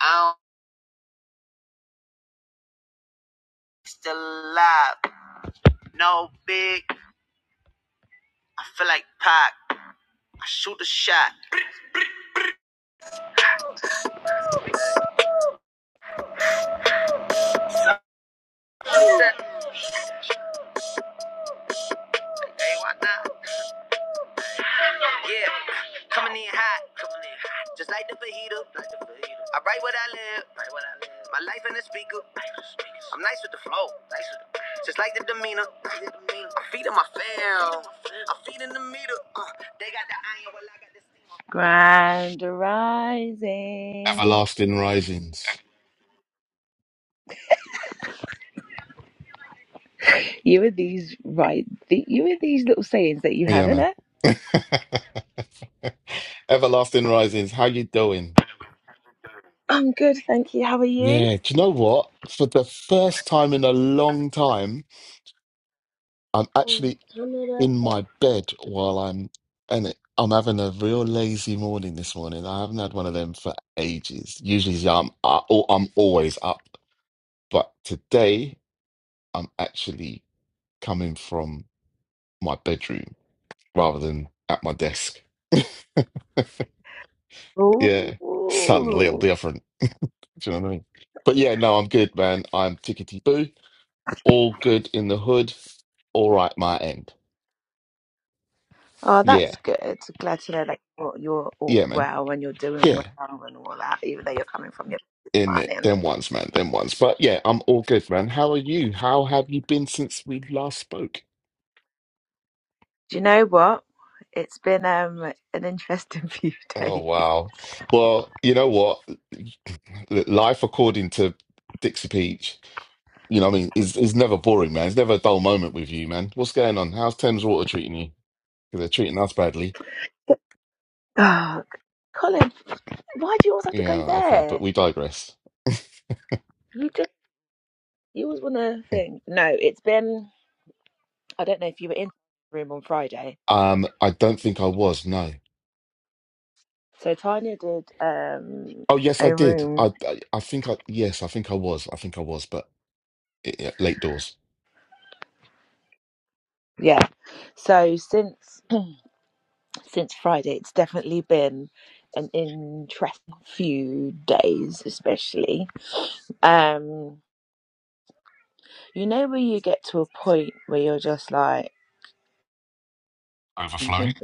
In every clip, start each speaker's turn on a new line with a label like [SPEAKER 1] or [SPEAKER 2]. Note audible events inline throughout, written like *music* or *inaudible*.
[SPEAKER 1] I don't still alive. No big. I feel like Pac. I shoot a shot. Hey, why not? Yeah. Coming in hot. Coming in hot. Just like the fajita. Like the fajita. I write what I live. Write what I live. My life in the speaker. I'm nice with the flow. Nice with the Just like the demeanor. Like the demeanor. I'm feeding my fam. I'm feeding the meter. Uh, they got the iron while I got the steamer. Grind rising.
[SPEAKER 2] Everlasting Risings.
[SPEAKER 1] You with these right, the, you with these little sayings that you
[SPEAKER 2] Yeah,
[SPEAKER 1] have in
[SPEAKER 2] man.
[SPEAKER 1] it.
[SPEAKER 2] *laughs* Everlasting Risings. How you doing?
[SPEAKER 1] I'm good, thank you. How are you?
[SPEAKER 2] Yeah. Do you know what? For the first time in a long time, I'm actually in my bed while I'm and it, I'm having a real lazy morning this morning. I haven't had one of them for ages. Usually, yeah, I'm I, oh, I'm always up, but today I'm actually coming from my bedroom rather than at my desk. Yeah, something a little
[SPEAKER 1] Ooh.
[SPEAKER 2] different. Do you know what I mean? But yeah, no, I'm good, man. I'm tickety boo. All good in the hood. All right, my end.
[SPEAKER 1] Oh,
[SPEAKER 2] Yeah,
[SPEAKER 1] that's good. Glad to know that you're, you're all
[SPEAKER 2] yeah, man.
[SPEAKER 1] well and you're doing
[SPEAKER 2] Yeah,
[SPEAKER 1] well and all that, even though you're coming from your this
[SPEAKER 2] in it.
[SPEAKER 1] morning.
[SPEAKER 2] Them ones, man. Them ones. But yeah, I'm all good, man. How are you? How have you been since we last spoke?
[SPEAKER 1] Do you know what? It's been um an interesting *laughs* few
[SPEAKER 2] Oh,
[SPEAKER 1] days.
[SPEAKER 2] wow. Well, you know what? Life according to Dixie Peach, you know what I mean, is, is never boring, man. It's never a dull moment with you, man. What's going on? How's Thames Water treating you? Because 'Cause they're treating us badly.
[SPEAKER 1] Oh, Colin, why do you always have to go
[SPEAKER 2] Yeah, okay, but
[SPEAKER 1] there?
[SPEAKER 2] we digress.
[SPEAKER 1] You just you always want to
[SPEAKER 2] Mm,
[SPEAKER 1] think. No, it's been. I don't know if you were in the room on Friday.
[SPEAKER 2] Um, I don't think I was, no.
[SPEAKER 1] So Tanya did um
[SPEAKER 2] Oh, yes, I
[SPEAKER 1] a
[SPEAKER 2] did.
[SPEAKER 1] room.
[SPEAKER 2] I, I, I think I, yes, I think I was. I think I was, but it, it- late doors.
[SPEAKER 1] Yeah. So since *clears throat* since Friday it's definitely been an interesting few days especially. Um you know where you get to a point where you're just like
[SPEAKER 2] Overflowing?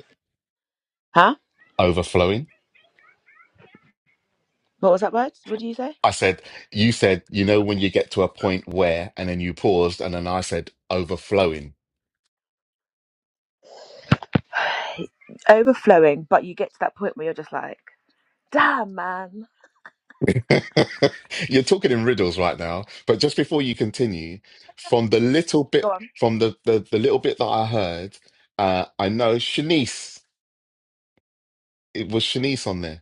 [SPEAKER 1] huh?
[SPEAKER 2] Overflowing.
[SPEAKER 1] What was that word? What do you say?
[SPEAKER 2] I said, you said, you know, when you get to a point where, and then you paused, and then I said, overflowing.
[SPEAKER 1] *sighs* Overflowing, but you get to that point where you're just like, damn man.
[SPEAKER 2] *laughs* You're talking in riddles right now, but just before you continue, from the little
[SPEAKER 1] Go
[SPEAKER 2] bit,
[SPEAKER 1] on.
[SPEAKER 2] from the, the, the little bit that I heard, uh, I know Shanice, it was Shanice on there.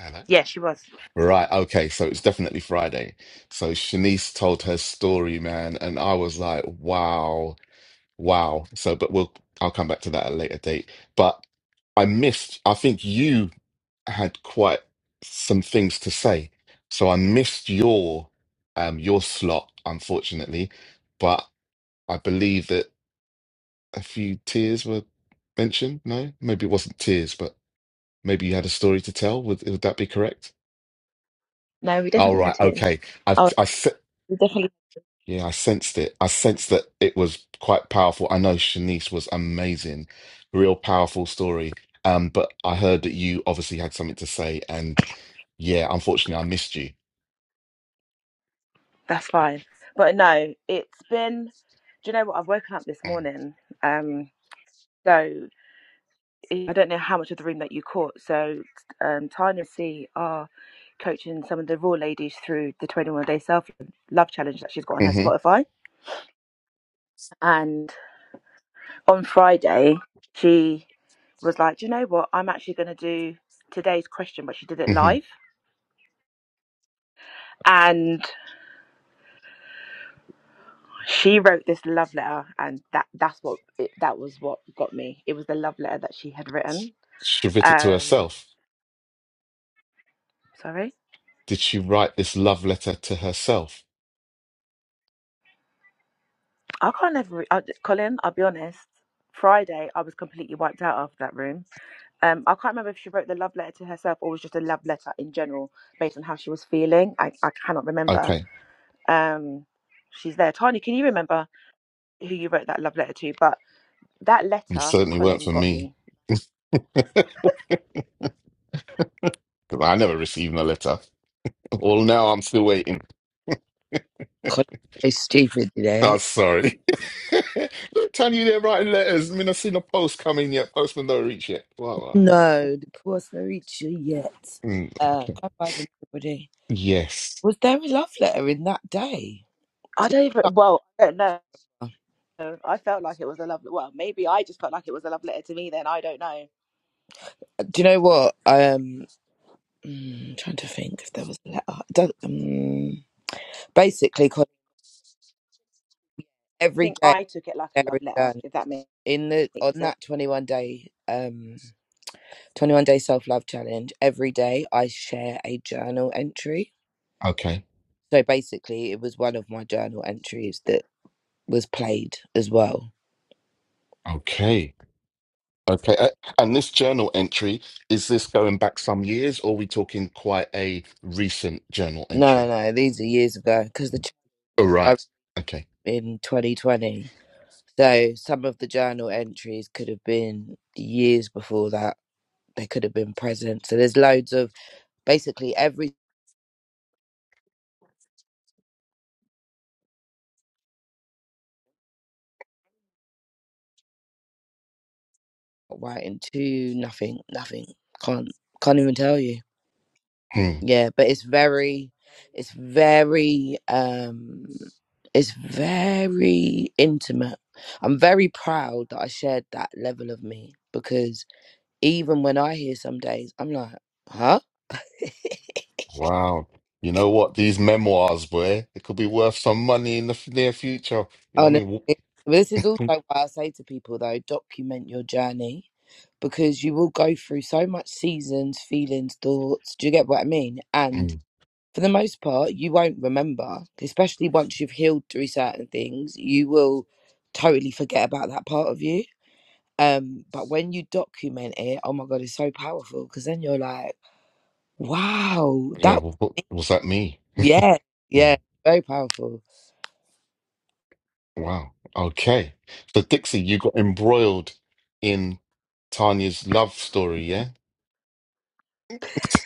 [SPEAKER 2] Hello.
[SPEAKER 1] Yeah, she was.
[SPEAKER 2] Right. Okay. So it's definitely Friday. So Shanice told her story, man, and I was like, wow, wow. So, but we'll, I'll come back to that at a later date. But I missed, I think you had quite some things to say. So I missed your, um, your slot, unfortunately. But I believe that a few tears were mentioned. No, maybe it wasn't tears, but maybe you had a story to tell. Would, would that be correct?
[SPEAKER 1] No, we
[SPEAKER 2] All
[SPEAKER 1] definitely had
[SPEAKER 2] right.
[SPEAKER 1] tears.
[SPEAKER 2] Okay. I've,
[SPEAKER 1] Oh,
[SPEAKER 2] I, s-
[SPEAKER 1] we definitely
[SPEAKER 2] Yeah, I sensed it. I sensed that it was quite powerful. I know Shanice was amazing, real powerful story. Um, but I heard that you obviously had something to say, and yeah, unfortunately, I missed you.
[SPEAKER 1] That's fine. But no, it's been. Do you know what? I've woken up this morning. Um, so e, I don't know how much of the room that you caught. So um, Tanya and C are coaching some of the raw ladies through the 21 day self love challenge that she's got on her
[SPEAKER 2] Mm-hmm,
[SPEAKER 1] Spotify. And on Friday, she was like, Do you know what? I'm actually going to do today's question, but she did it
[SPEAKER 2] mm-hmm.
[SPEAKER 1] live. And she wrote this love letter, and that, that's what it, that was what got me. It was the love letter that she had written
[SPEAKER 2] She wrote it to
[SPEAKER 1] Um,
[SPEAKER 2] herself.
[SPEAKER 1] sorry,
[SPEAKER 2] Did she write this love letter to herself?
[SPEAKER 1] I can't ever. Re- I, Colin, I'll be honest. Friday, I was completely wiped out after that room. Um, I can't remember if she wrote the love letter to herself or was just a love letter in general based on how she was feeling. I, I cannot remember.
[SPEAKER 2] Okay,
[SPEAKER 1] Um, she's there. Tani, can you remember who you wrote that love letter to? But that
[SPEAKER 2] it
[SPEAKER 1] letter,
[SPEAKER 2] certainly weren't
[SPEAKER 1] Colin,
[SPEAKER 2] for
[SPEAKER 1] got
[SPEAKER 2] me
[SPEAKER 1] me.
[SPEAKER 2] because I never received a letter. Well, now I'm still waiting.
[SPEAKER 3] couldn't say stupid
[SPEAKER 2] Oh,
[SPEAKER 3] today.
[SPEAKER 2] sorry. *laughs* Look, Tanya, they're writing letters. I mean, I've seen a post coming yet. Postman don't reach yet. Wow,
[SPEAKER 3] No, the Costa Rica yet.
[SPEAKER 2] Mm,
[SPEAKER 3] Uh,
[SPEAKER 2] okay.
[SPEAKER 3] God bless everybody.
[SPEAKER 2] Yes.
[SPEAKER 3] Was there a love letter in that day?
[SPEAKER 1] I
[SPEAKER 3] Do
[SPEAKER 1] don't even. Well, I don't know.
[SPEAKER 3] you,
[SPEAKER 1] I felt like it was a love. Well, maybe I just felt like it was a love letter to me. Then I don't know. I
[SPEAKER 3] do you know what? I am um, trying to think if there was a letter. It does- Um, basically, 'cause every
[SPEAKER 1] think
[SPEAKER 3] day
[SPEAKER 1] I took it like a
[SPEAKER 3] there
[SPEAKER 1] love
[SPEAKER 3] is
[SPEAKER 1] letter,
[SPEAKER 3] done
[SPEAKER 1] if that makes
[SPEAKER 3] in the on
[SPEAKER 1] sense.
[SPEAKER 3] that twenty-one day um twenty-one day self-love challenge. Every day, I share a journal entry.
[SPEAKER 2] Okay.
[SPEAKER 3] So basically, it was one of my journal entries that was played as well.
[SPEAKER 2] Okay. Okay. Uh, and this journal entry, is this going back some years or are we talking quite a recent journal
[SPEAKER 3] No, no,
[SPEAKER 2] entry?
[SPEAKER 3] no. These are years ago because the
[SPEAKER 2] All
[SPEAKER 3] chapter
[SPEAKER 2] right. Okay.
[SPEAKER 3] in 2020. So some of the journal entries could have been years before that. They could have been present. So there's loads of basically every writing to nothing, nothing. Can't can't even tell you.
[SPEAKER 2] Hmm.
[SPEAKER 3] Yeah, but it's very, it's very, um, it's very intimate. I'm very proud that I shared that level of me because even when I hear some days, I'm like, huh? *laughs*
[SPEAKER 2] Wow. You know what? These memoirs, boy, it could be worth some money in the f- near future. You know what
[SPEAKER 3] Honestly,
[SPEAKER 2] I mean? Wh-
[SPEAKER 3] but this is also why I say to people though, document your journey because you will go through so much seasons, feelings, thoughts. Do you get what I mean? And
[SPEAKER 2] Mm.
[SPEAKER 3] for the most part, you won't remember, especially once you've healed through certain things, you will totally forget about that part of you. Um, but when you document it, oh my god, it's so powerful because then you're like, wow, that,
[SPEAKER 2] Yeah. wh- wh- was that me?
[SPEAKER 3] yeah, yeah,
[SPEAKER 2] Mm.
[SPEAKER 3] very powerful.
[SPEAKER 2] Wow. Okay. So, Dixie, you got embroiled in Tanya's love story, yeah? *laughs*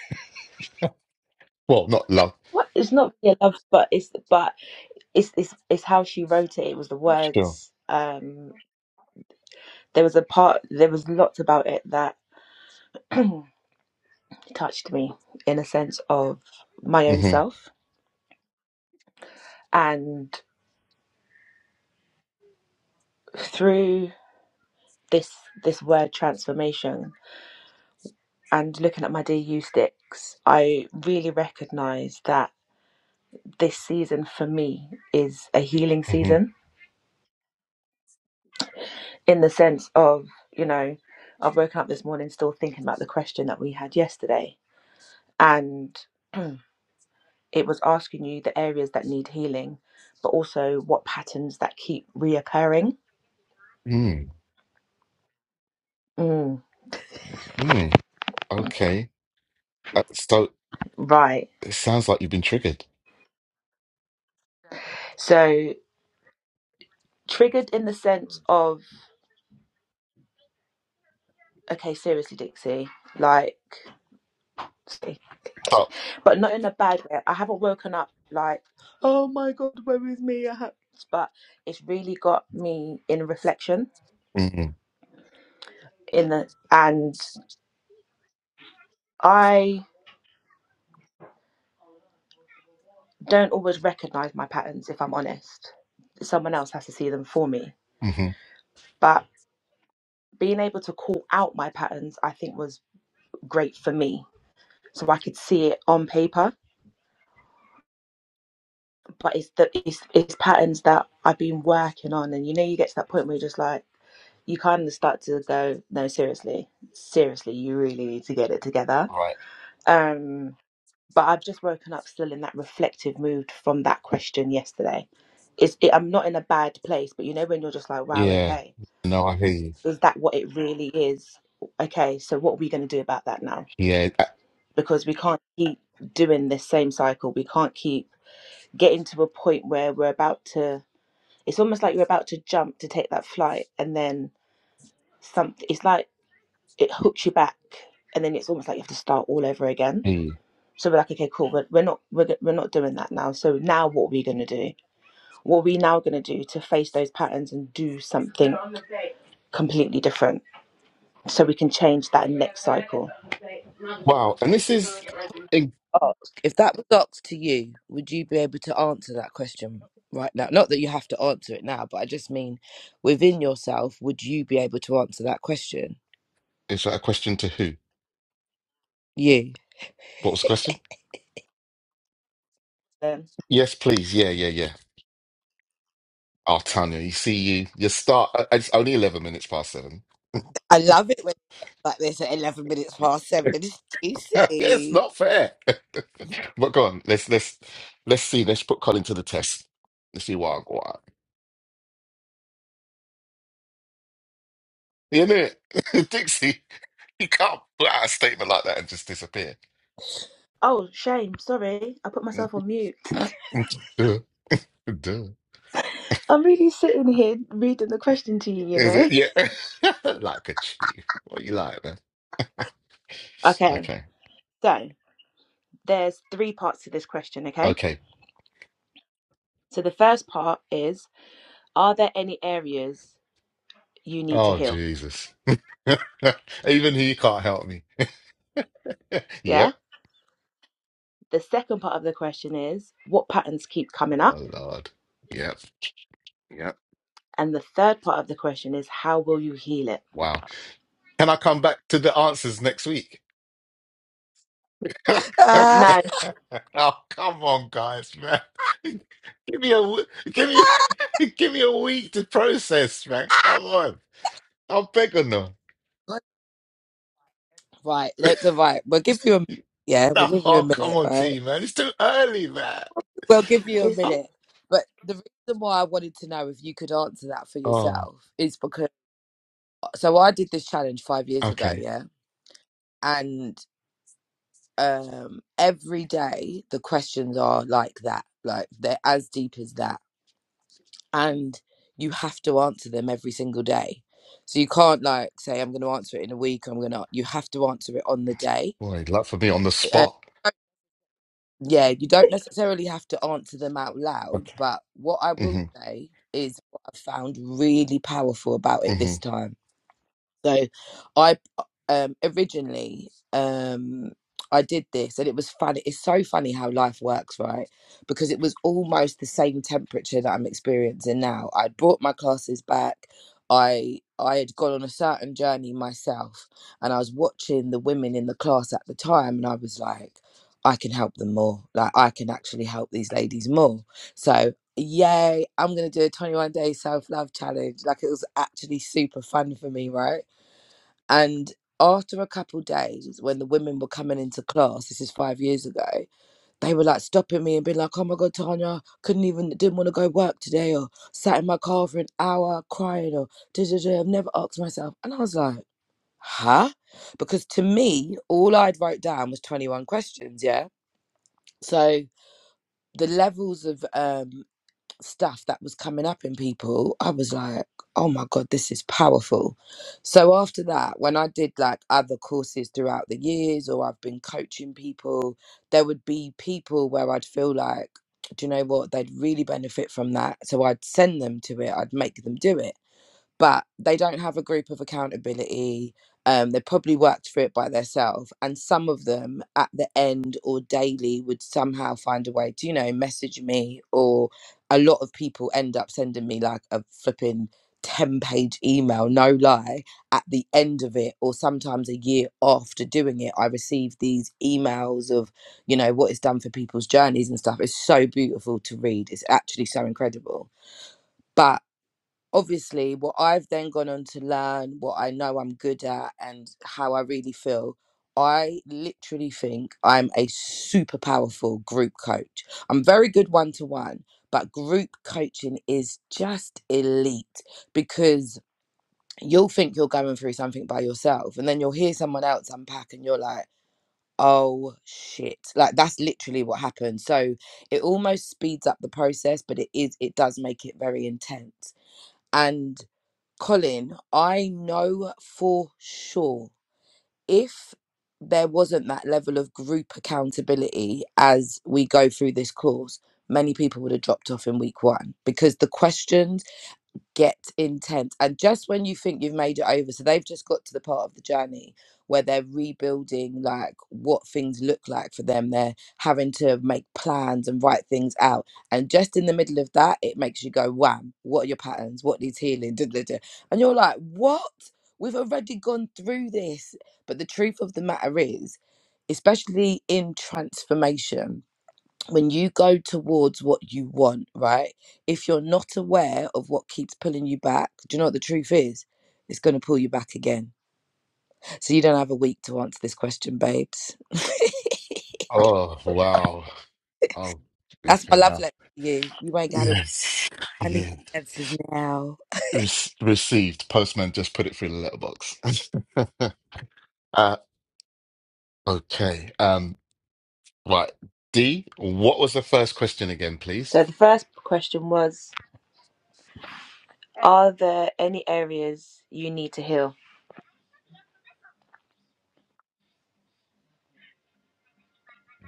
[SPEAKER 2] Well, not love.
[SPEAKER 1] What it's not really a love, but it's but it's it's it's how she wrote it. It was the
[SPEAKER 2] Sure.
[SPEAKER 1] words. Um, there was a part. There was lots about it that touched me in a sense of my own
[SPEAKER 2] hmm
[SPEAKER 1] self, and through this this word transformation and looking at my DU sticks, I really recognise that this season for me is a healing
[SPEAKER 2] hmm
[SPEAKER 1] season in the sense of you know I've woken up this morning still thinking about the question that we had yesterday and *clears throat* it was asking you the areas that need healing, but also what patterns that keep reoccurring.
[SPEAKER 2] Mm.
[SPEAKER 1] Mm,
[SPEAKER 2] Mm. Okay. Uh, so
[SPEAKER 1] right.
[SPEAKER 2] it sounds like you've been triggered.
[SPEAKER 1] So triggered in the sense of, okay, seriously, Dixie, like,
[SPEAKER 2] Stop.
[SPEAKER 1] but not in a bad way. I haven't woken up like, oh my God, where is me? I ha-" But it's really got me in reflection
[SPEAKER 2] hmm
[SPEAKER 1] in the, and I don't always recognize my patterns if I'm honest. Someone else has to see them for me.
[SPEAKER 2] hmm
[SPEAKER 1] But being able to call out my patterns i think was great for me so i could see it on paper but it's the it's, it's patterns that i've been working on and you know you get to that point where you're just like you kind of start to go no seriously seriously you really need to get it together
[SPEAKER 2] Right.
[SPEAKER 1] um but i've just woken up still in that reflective mood from that question yesterday it's it, i'm not in a bad place but you know when you're just like wow
[SPEAKER 2] Yeah.
[SPEAKER 1] okay
[SPEAKER 2] No, I hear you.
[SPEAKER 1] is that what it really is okay so what are we going to do about that now
[SPEAKER 2] Yeah, I
[SPEAKER 1] because we can't keep doing this same cycle. We can't keep getting to a point where we're about to. It's almost like you're about to jump to take that flight, and then something. It's like it hooks you back, and then it's almost like you have to start all over again.
[SPEAKER 2] hear you.
[SPEAKER 1] So we're like, okay, cool. We're, we're not we're, we're not doing that now. So now what are we gonna do? What are we now gonna do to face those patterns and do something completely different so we can change that next cycle?
[SPEAKER 2] Wow. And this is in-
[SPEAKER 3] ask if that was asked to you, would you be able to answer that question right now? Not that you have to answer it now, but I just mean within yourself, would you be able to answer that question?
[SPEAKER 2] is that a question to who?
[SPEAKER 3] You.
[SPEAKER 2] What was the question?
[SPEAKER 1] Um,
[SPEAKER 2] Yes, please. Yeah, yeah, yeah. Oh, Tanya, you see you. You start. uh, It's only eleven minutes past seven.
[SPEAKER 3] I love it when it's like this at 11 minutes past seven. It's
[SPEAKER 2] *laughs* it's
[SPEAKER 3] juicy.
[SPEAKER 2] not fair. *laughs* but go on. Let's let's let's see. Let's put Colin to the test. Let's see what. Isn't it? *laughs* Dixie, you can't put out a statement like that and just disappear.
[SPEAKER 1] oh, shame. Sorry, I put
[SPEAKER 2] *laughs*
[SPEAKER 1] myself on mute.
[SPEAKER 2] Duh, duh.
[SPEAKER 1] I'm really sitting here reading the question to you, you
[SPEAKER 2] Is
[SPEAKER 1] know?
[SPEAKER 2] it?
[SPEAKER 1] *laughs*
[SPEAKER 2] Yeah. *laughs* Like a chief. What you like, man?
[SPEAKER 1] Okay,
[SPEAKER 2] Okay.
[SPEAKER 1] so there's three parts to this question, okay?
[SPEAKER 2] Okay.
[SPEAKER 1] So the first part is Are there any areas you need to
[SPEAKER 2] Oh,
[SPEAKER 1] heal?
[SPEAKER 2] Jesus. *laughs* Even he can't help me. Yep.
[SPEAKER 1] Yeah. The second part of the question is What patterns keep coming up?
[SPEAKER 2] Oh, Lord. Yep. Yep.
[SPEAKER 1] And the third part of the question is, how will you heal it?
[SPEAKER 2] Wow. Can I come back to the answers next week? *laughs*
[SPEAKER 3] Ah,
[SPEAKER 1] No,
[SPEAKER 2] *laughs* Oh, come on, guys, man. *laughs* Give me a w- give me *laughs* give me a week to process, man. Come on. I'm begging them.
[SPEAKER 3] right,
[SPEAKER 2] *laughs*
[SPEAKER 3] look, right. We'll give you a yeah,
[SPEAKER 2] No,
[SPEAKER 3] we'll give you a
[SPEAKER 2] oh, come
[SPEAKER 3] minute,
[SPEAKER 2] on,
[SPEAKER 3] right?
[SPEAKER 2] team, man. It's too early, man.
[SPEAKER 3] We'll give you a
[SPEAKER 1] it's not.
[SPEAKER 2] Oh,
[SPEAKER 3] minute. But the reason why I wanted to know if you could answer that for
[SPEAKER 2] oh,
[SPEAKER 3] yourself is because so I did this challenge five years ago,
[SPEAKER 2] okay.
[SPEAKER 3] yeah, and um every day the questions are like that like they're as deep as that and you have to answer them every single day so you can't like say i'm going to answer it in a week i'm going to you have to answer it on the day
[SPEAKER 2] Boy, luck for me on the
[SPEAKER 3] uh,
[SPEAKER 2] spot.
[SPEAKER 3] yeah you don't necessarily have to answer them out loud
[SPEAKER 2] Okay.
[SPEAKER 3] but what i will
[SPEAKER 2] hmm
[SPEAKER 3] say is what i found really powerful about it
[SPEAKER 2] hmm
[SPEAKER 3] this time So I um originally um I did this and it was funny. It's so funny how life works, right? Because it was almost the same temperature that I'm experiencing now. I brought my classes back. I I had gone on a certain journey myself and I was watching the women in the class at the time and I was like, I can help them more. Like I can actually help these ladies more. So yay, I'm gonna do a 21 day self-love challenge. Like it was actually super fun for me, right? And after a couple days, when the women were coming into class, this is five years ago, they were like stopping me and being like, "Oh my god, Tanya, couldn't even didn't want to go work today, or sat in my car for an hour crying, or da da da." I've never asked myself, and I was like, "Huh?" Because to me, all I'd wrote down was twenty one questions. Yeah, so the levels of um stuff that was coming up in people, I was like, oh my God, this is powerful. So after that, when I did like other courses throughout the years or I've been coaching people, there would be people where I'd feel like, do you know what? They'd really benefit from that. So I'd send them to it, I'd make them do it but they don't have a group of accountability. Um, they probably worked for it by themselves. And some of them at the end or daily would somehow find a way to, you know, message me, or a lot of people end up sending me like a flipping 10 page email, no lie, at the end of it, or sometimes a year after doing it. I receive these emails of, you know, what it's done for people's journeys and stuff. It's so beautiful to read. It's actually so incredible. But obviously what I've then gone on to learn, what I know I'm good at, and how I really feel. I literally think I'm a super powerful group coach. I'm very good one to one, but group coaching is just elite because you'll think you're going through something by yourself, and then you'll hear someone else unpack, and you're like, oh shit. Like, that's literally what happened. So it almost speeds up the process, but it is, it does make it very intense. And Colin, I know for sure if there wasn't that level of group accountability as we go through this course, many people would have dropped off in week one because the questions get intense. And just when you think you've made it over, so they've just got to the part of the journey where they're rebuilding like what things look like for them. They're having to make plans and write things out. And just in the middle of that, it makes you go, wham, what are your patterns? What needs healing? Duh, duh, duh." And you're like, what? We've already gone through this. But the truth of the matter is, especially in transformation, when you go towards what you want, right? If you're not aware of what keeps pulling you back, do you know what the truth is? It's going to pull you back again. So you don't have a week to answer this question, babes. *laughs*
[SPEAKER 2] Oh, wow. Oh,
[SPEAKER 3] That's
[SPEAKER 2] okay
[SPEAKER 3] my love
[SPEAKER 2] now.
[SPEAKER 3] letter to you. You ain't got to.
[SPEAKER 2] Yes.
[SPEAKER 3] I need
[SPEAKER 2] Yeah.
[SPEAKER 3] the answers now.
[SPEAKER 2] Re- received. Postman just put it through the letterbox. *laughs* uh, okay. Um. Right. D, what was the first question again, please?
[SPEAKER 1] So the first question was, are there any areas you need to heal?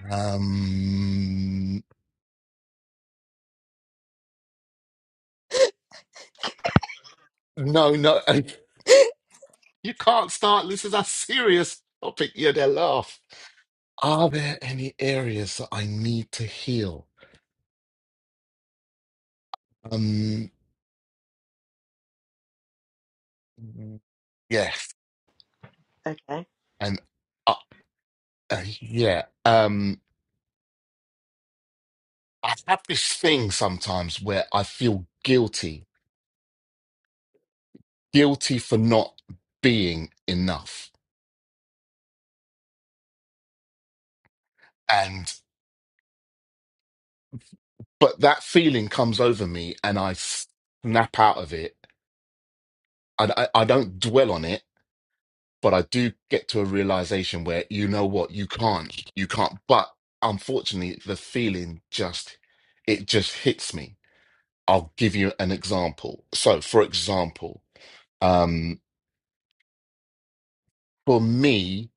[SPEAKER 2] Um, no, no,
[SPEAKER 3] *laughs*
[SPEAKER 2] *laughs* you can't start. This is a serious topic. You're gonna laugh. Are there any areas that I need to heal? Um, yes,
[SPEAKER 1] Okay.
[SPEAKER 2] and uh, uh, yeah. Um, I have this thing sometimes where I feel guilty, guilty for not being enough. and but that feeling comes over me and i snap out of it I, I i don't dwell on it but i do get to a realization where you know what you can't you can't but unfortunately the feeling just it just hits me i'll give you an example so for example um for me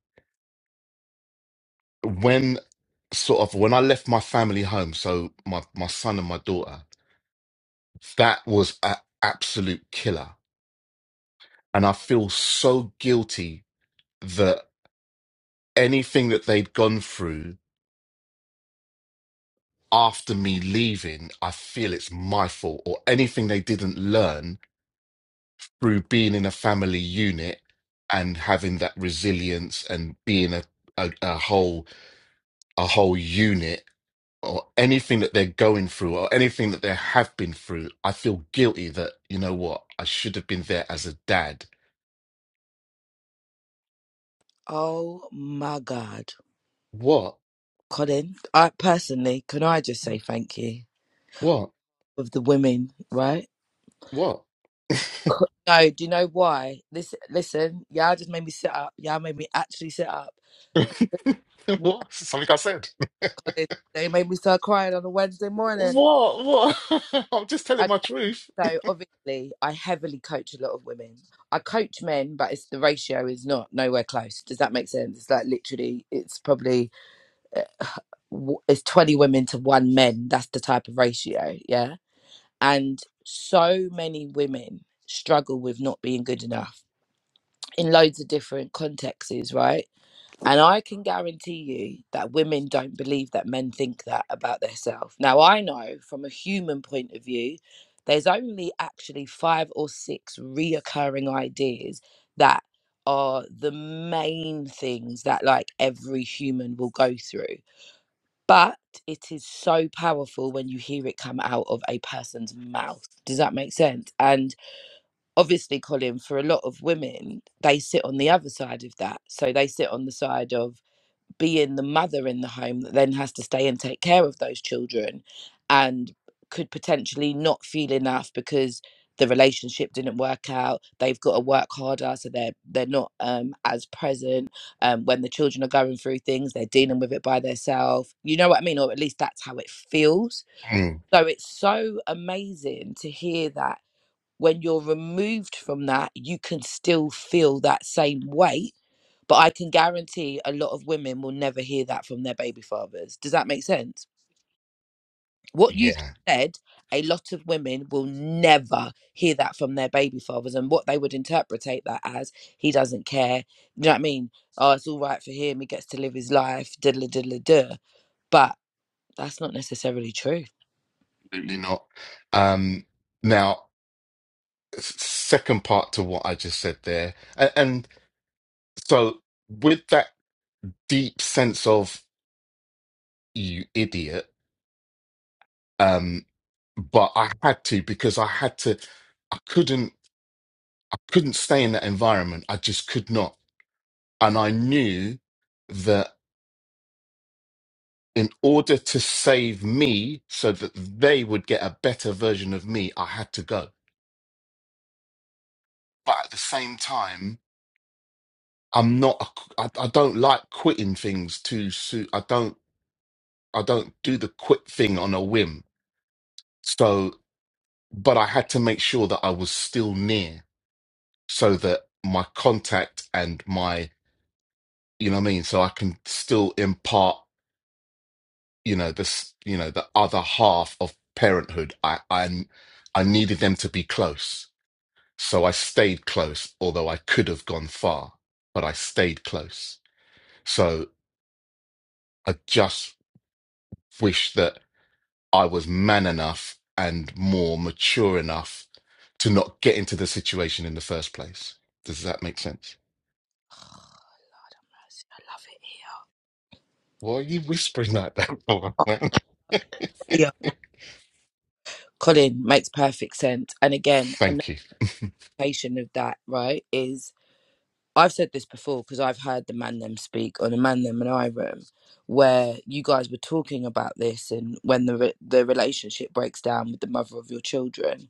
[SPEAKER 2] when sort of when i left my family home so my my son and my daughter that was an absolute killer and I feel so guilty that anything that they'd gone through after me leaving, I feel it's my fault, or anything they didn't learn through being in a family unit and having that resilience and being a, a, a whole a whole unit or anything that they're going through or anything that they have been through, I feel guilty that, you know what, I should have been there as a dad.
[SPEAKER 3] oh my God.
[SPEAKER 2] What?
[SPEAKER 3] Colin, I personally, can I just say thank you
[SPEAKER 2] What?
[SPEAKER 3] of the women, right?
[SPEAKER 2] What?
[SPEAKER 3] Co- No, do you know why? Listen, listen, y'all just made me sit up. Y'all made me actually sit up
[SPEAKER 2] *laughs* what? Something I said.
[SPEAKER 3] They, they made me start crying on a Wednesday morning.
[SPEAKER 2] What? What? *laughs* I'm just telling
[SPEAKER 3] Okay,
[SPEAKER 2] my truth.
[SPEAKER 3] so obviously, I heavily coach a lot of women. I coach men, but it's the ratio is not nowhere close. Does that make sense? It's like literally, it's probably uh, w- it's twenty women to one men. That's the type of ratio, yeah. And so many women struggle with not being good enough in loads of different contexts, right? And I can guarantee you that women don't believe that men think that about themselves. Now, I know from a human point of view, there's only actually five or six reoccurring ideas that are the main things that like every human will go through. But it is so powerful when you hear it come out of a person's mouth. Does that make sense? And obviously, Colin, for a lot of women, they sit on the other side of that. So they sit on the side of being the mother in the home that then has to stay and take care of those children and could potentially not feel enough because the relationship didn't work out they've got to work harder so they're they're not um as present um when the children are going through things they're dealing with it by themselves you know what i mean or at least that's how it feels
[SPEAKER 2] Mm,
[SPEAKER 3] so it's so amazing to hear that when you're removed from that you can still feel that same weight but I can guarantee a lot of women will never hear that from their baby fathers. Does that make sense? What you've
[SPEAKER 2] yeah,
[SPEAKER 3] said, a lot of women will never hear that from their baby fathers. And what they would interpretate that as, he doesn't care. You know what I mean? Oh, it's all right for him. He gets to live his life. Diddle, diddle, duh. But that's not necessarily true.
[SPEAKER 2] absolutely not. Um, now, s- second part to what I just said there, and, and so with that deep sense of you idiot, um, but I had to because I had to, I couldn't, I couldn't stay in that environment. I just could not, and I knew that in order to save me, so that they would get a better version of me, I had to go. but at the same time, I'm not. a- I, I don't like quitting things too soon. I don't. I don't do the quit thing on a whim. So, but I had to make sure that I was still near, so that my contact and my, you know, what I mean, so I can still impart, you know, this, you know, the other half of parenthood. I, I, I needed them to be close, so I stayed close. Although I could have gone far, but I stayed close. So I just wish that I was man enough and more mature enough to not get into the situation in the first place. Does that make sense?
[SPEAKER 3] I love it here.
[SPEAKER 2] Why are you whispering like that for,
[SPEAKER 3] Oh,
[SPEAKER 2] man?
[SPEAKER 3] yeah.
[SPEAKER 2] *laughs*
[SPEAKER 3] Colin makes perfect sense. And again, another
[SPEAKER 2] Thank you.
[SPEAKER 3] notation of that, right, is I've said this before because I've heard the man them speak on a man them and I room where you guys were talking about this and when the re- the relationship breaks down with the mother of your children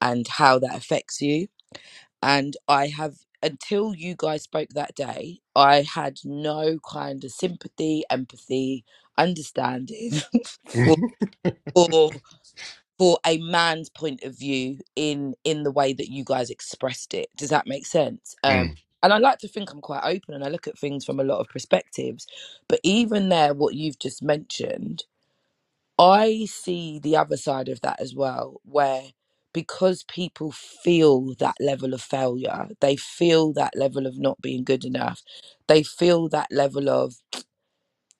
[SPEAKER 3] and how that affects you and I have until you guys spoke that day I had no kind of sympathy empathy understanding *laughs*
[SPEAKER 2] *laughs*
[SPEAKER 3] for for for a man's point of view in in the way that you guys expressed it does that make sense um
[SPEAKER 2] Mm,
[SPEAKER 3] and i like to think i'm quite open and i look at things from a lot of perspectives but even there what you've just mentioned i see the other side of that as well where because people feel that level of failure they feel that level of not being good enough they feel that level of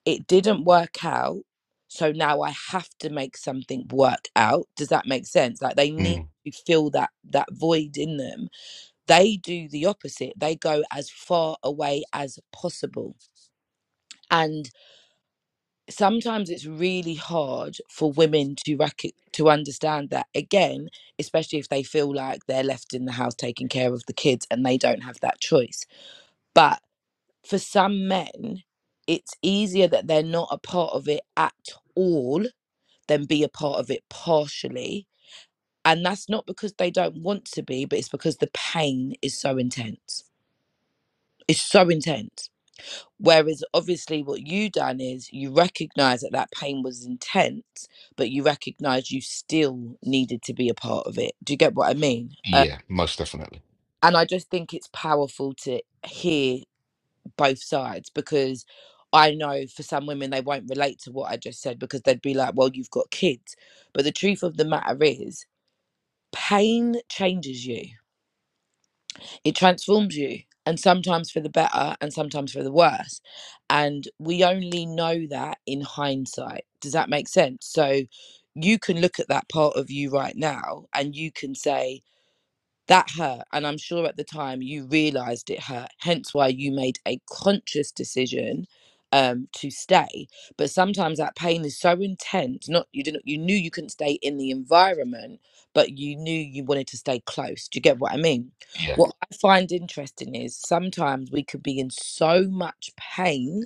[SPEAKER 3] it didn't work out so now i have to make something work out does that make sense like they need
[SPEAKER 2] mm.
[SPEAKER 3] to fill that that void in them they do the opposite they go as far away as possible and sometimes it's really hard for women to rec- to understand that again especially if they feel like they're left in the house taking care of the kids and they don't have that choice but for some men it's easier that they're not a part of it at all then be a part of it partially. And that's not because they don't want to be, but it's because the pain is so intense. It's so intense. Whereas obviously what you done is you recognize that that pain was intense, but you recognize you still needed to be a part of it. Do you get what I mean? Uh,
[SPEAKER 2] Yeah, most definitely.
[SPEAKER 3] and I just think it's powerful to hear both sides because I know for some women they won't relate to what I just said because they'd be like, well, you've got kids. But the truth of the matter is pain changes you it transforms you and sometimes for the better and sometimes for the worse and we only know that in hindsight does that make sense so you can look at that part of you right now and you can say that hurt, and I'm sure at the time you realized it hurt, hence why you made a conscious decision um to stay. But sometimes that pain is so intense, not you didn't you knew you couldn't stay in the environment, but you knew you wanted to stay close. Do you get what I mean?
[SPEAKER 2] Yeah.
[SPEAKER 3] What I find interesting is sometimes we could be in so much pain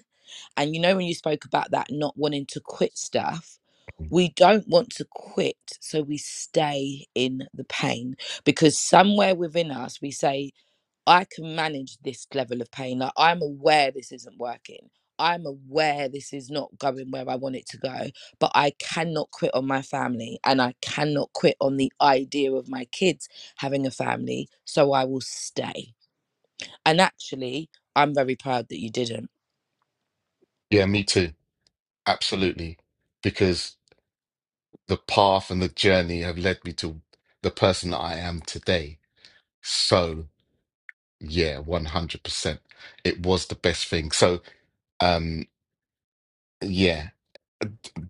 [SPEAKER 3] and you know, when you spoke about that not wanting to quit stuff,
[SPEAKER 2] Mm.
[SPEAKER 3] we don't want to quit, so we stay in the pain because somewhere within us we say, I can manage this level of pain. Like, I'm aware this isn't working. I'm aware this is not going where I want it to go, but I cannot quit on my family and I cannot quit on the idea of my kids having a family, so I will stay. And actually, I'm very proud that you didn't
[SPEAKER 2] Yeah, me too. Absolutely. Because the path and the journey have led me to the person that I am today. So, yeah, 100%. It was the best thing. So, um. Yeah,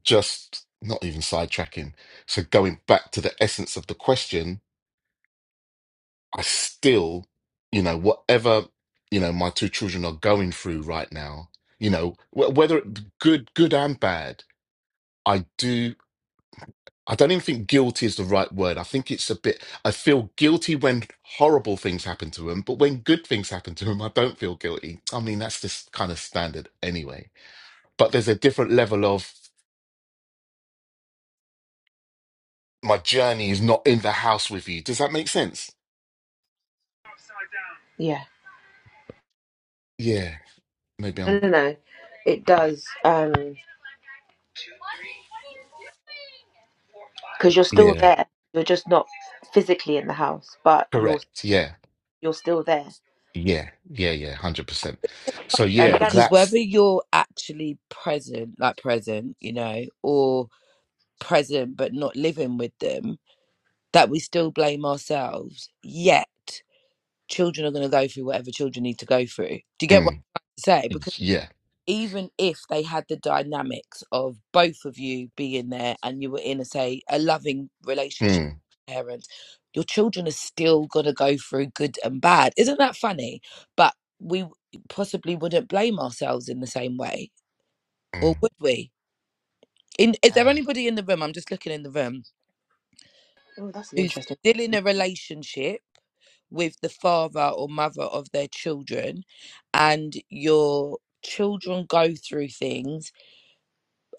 [SPEAKER 2] just not even sidetracking. So going back to the essence of the question, I still, you know, whatever, you know, my two children are going through right now, you know, wh- whether it- good, good and bad, I do, I don't even think guilty is the right word. I think it's a bit, I feel guilty when horrible things happen to them, but when good things happen to them, I don't feel guilty. I mean, that's just kind of standard anyway. But there's a different level of my journey is not in the house with you. Does that make sense?
[SPEAKER 1] Yeah.
[SPEAKER 2] Yeah. Maybe
[SPEAKER 1] No,
[SPEAKER 2] I'm,
[SPEAKER 1] no, no. It does. Um, because you're still
[SPEAKER 2] yeah.
[SPEAKER 1] there. You're just not physically in the house, but you're
[SPEAKER 2] Correct. Yeah.
[SPEAKER 1] you're still there.
[SPEAKER 2] Yeah. Yeah. Yeah. 100%. So,
[SPEAKER 1] Um,
[SPEAKER 2] yeah,
[SPEAKER 1] Gabby,
[SPEAKER 3] because whether
[SPEAKER 2] that's,
[SPEAKER 3] you're actually present like present you know or present but not living with them that we still blame ourselves yet children are going to go through whatever children need to go through do you get what
[SPEAKER 2] mm,
[SPEAKER 3] i'm trying to say because
[SPEAKER 2] yeah.
[SPEAKER 3] even if they had the dynamics of both of you being there and you were in a say a loving relationship
[SPEAKER 2] Mm,
[SPEAKER 3] with your parents your children are still going to go through good and bad isn't that funny but we possibly wouldn't blame ourselves in the same way or
[SPEAKER 2] mm,
[SPEAKER 3] would we? In, is there
[SPEAKER 2] yeah.
[SPEAKER 3] anybody in the room? I'm just looking in the room
[SPEAKER 1] Oh, that's an
[SPEAKER 3] who's
[SPEAKER 1] interesting
[SPEAKER 3] still in
[SPEAKER 1] question.
[SPEAKER 3] a relationship with the father or mother of their children, and your children go through things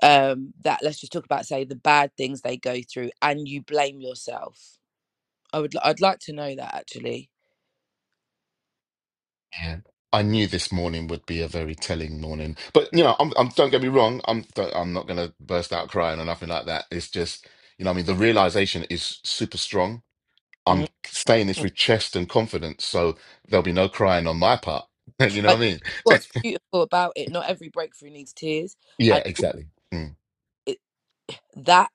[SPEAKER 3] um, that let's just talk about, say the bad things they go through, and you blame yourself. I would, I'd like to know that actually.
[SPEAKER 2] Yeah. I knew this morning would be a very telling morning, but you know, I'm, I'm don't get me wrong. I'm, don't, I'm not going to burst out crying or nothing like that. It's just, you know, what I mean, the realization is super strong. I'm
[SPEAKER 3] Mm.
[SPEAKER 2] saying this
[SPEAKER 1] Hmm.
[SPEAKER 2] with chest and confidence. So there'll be no crying on my part. *laughs* you know what
[SPEAKER 3] Like,
[SPEAKER 2] I mean?
[SPEAKER 3] what's beautiful about it? Not every breakthrough needs tears,
[SPEAKER 2] Yeah,
[SPEAKER 3] and
[SPEAKER 2] exactly. Mm,
[SPEAKER 3] that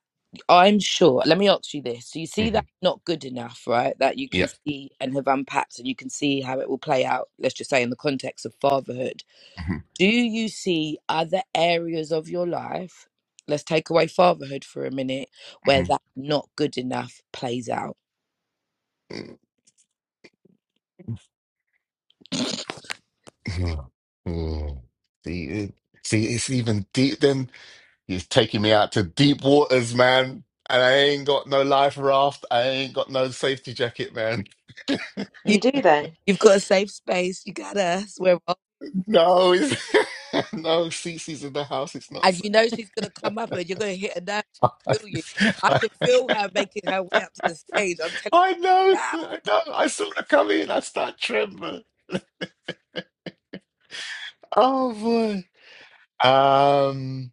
[SPEAKER 3] I'm sure. Let me ask you this. so You see
[SPEAKER 2] hmm
[SPEAKER 3] that not good enough, right? That you can
[SPEAKER 2] Yeah.
[SPEAKER 3] see and have unpacked and you can see how it will play out, let's just say in the context of fatherhood.
[SPEAKER 2] hmm
[SPEAKER 3] Do you see other areas of your life, let's take away fatherhood for a minute, where
[SPEAKER 2] hmm
[SPEAKER 3] that not good enough plays out?
[SPEAKER 2] Mm. *sighs* Mm. See, it, see, it's even deep. Then he's taking me out to deep waters, man. And I ain't got no life raft. I ain't got no safety jacket, man. *laughs*
[SPEAKER 3] You
[SPEAKER 1] You do though,
[SPEAKER 3] you've got a safe space, you got us, we're all,
[SPEAKER 2] No, it's, *laughs* no, Cece's in the house. It's not
[SPEAKER 3] and you
[SPEAKER 2] safe.
[SPEAKER 3] know she's gonna come up and you're gonna hit a nerve, feel you. I can feel her making her way up to the stage. I'm
[SPEAKER 2] *laughs*
[SPEAKER 3] telling
[SPEAKER 2] I
[SPEAKER 3] you
[SPEAKER 2] know,
[SPEAKER 3] now.
[SPEAKER 2] I know. I saw her come in. I start trembling. *laughs* Oh boy. Um.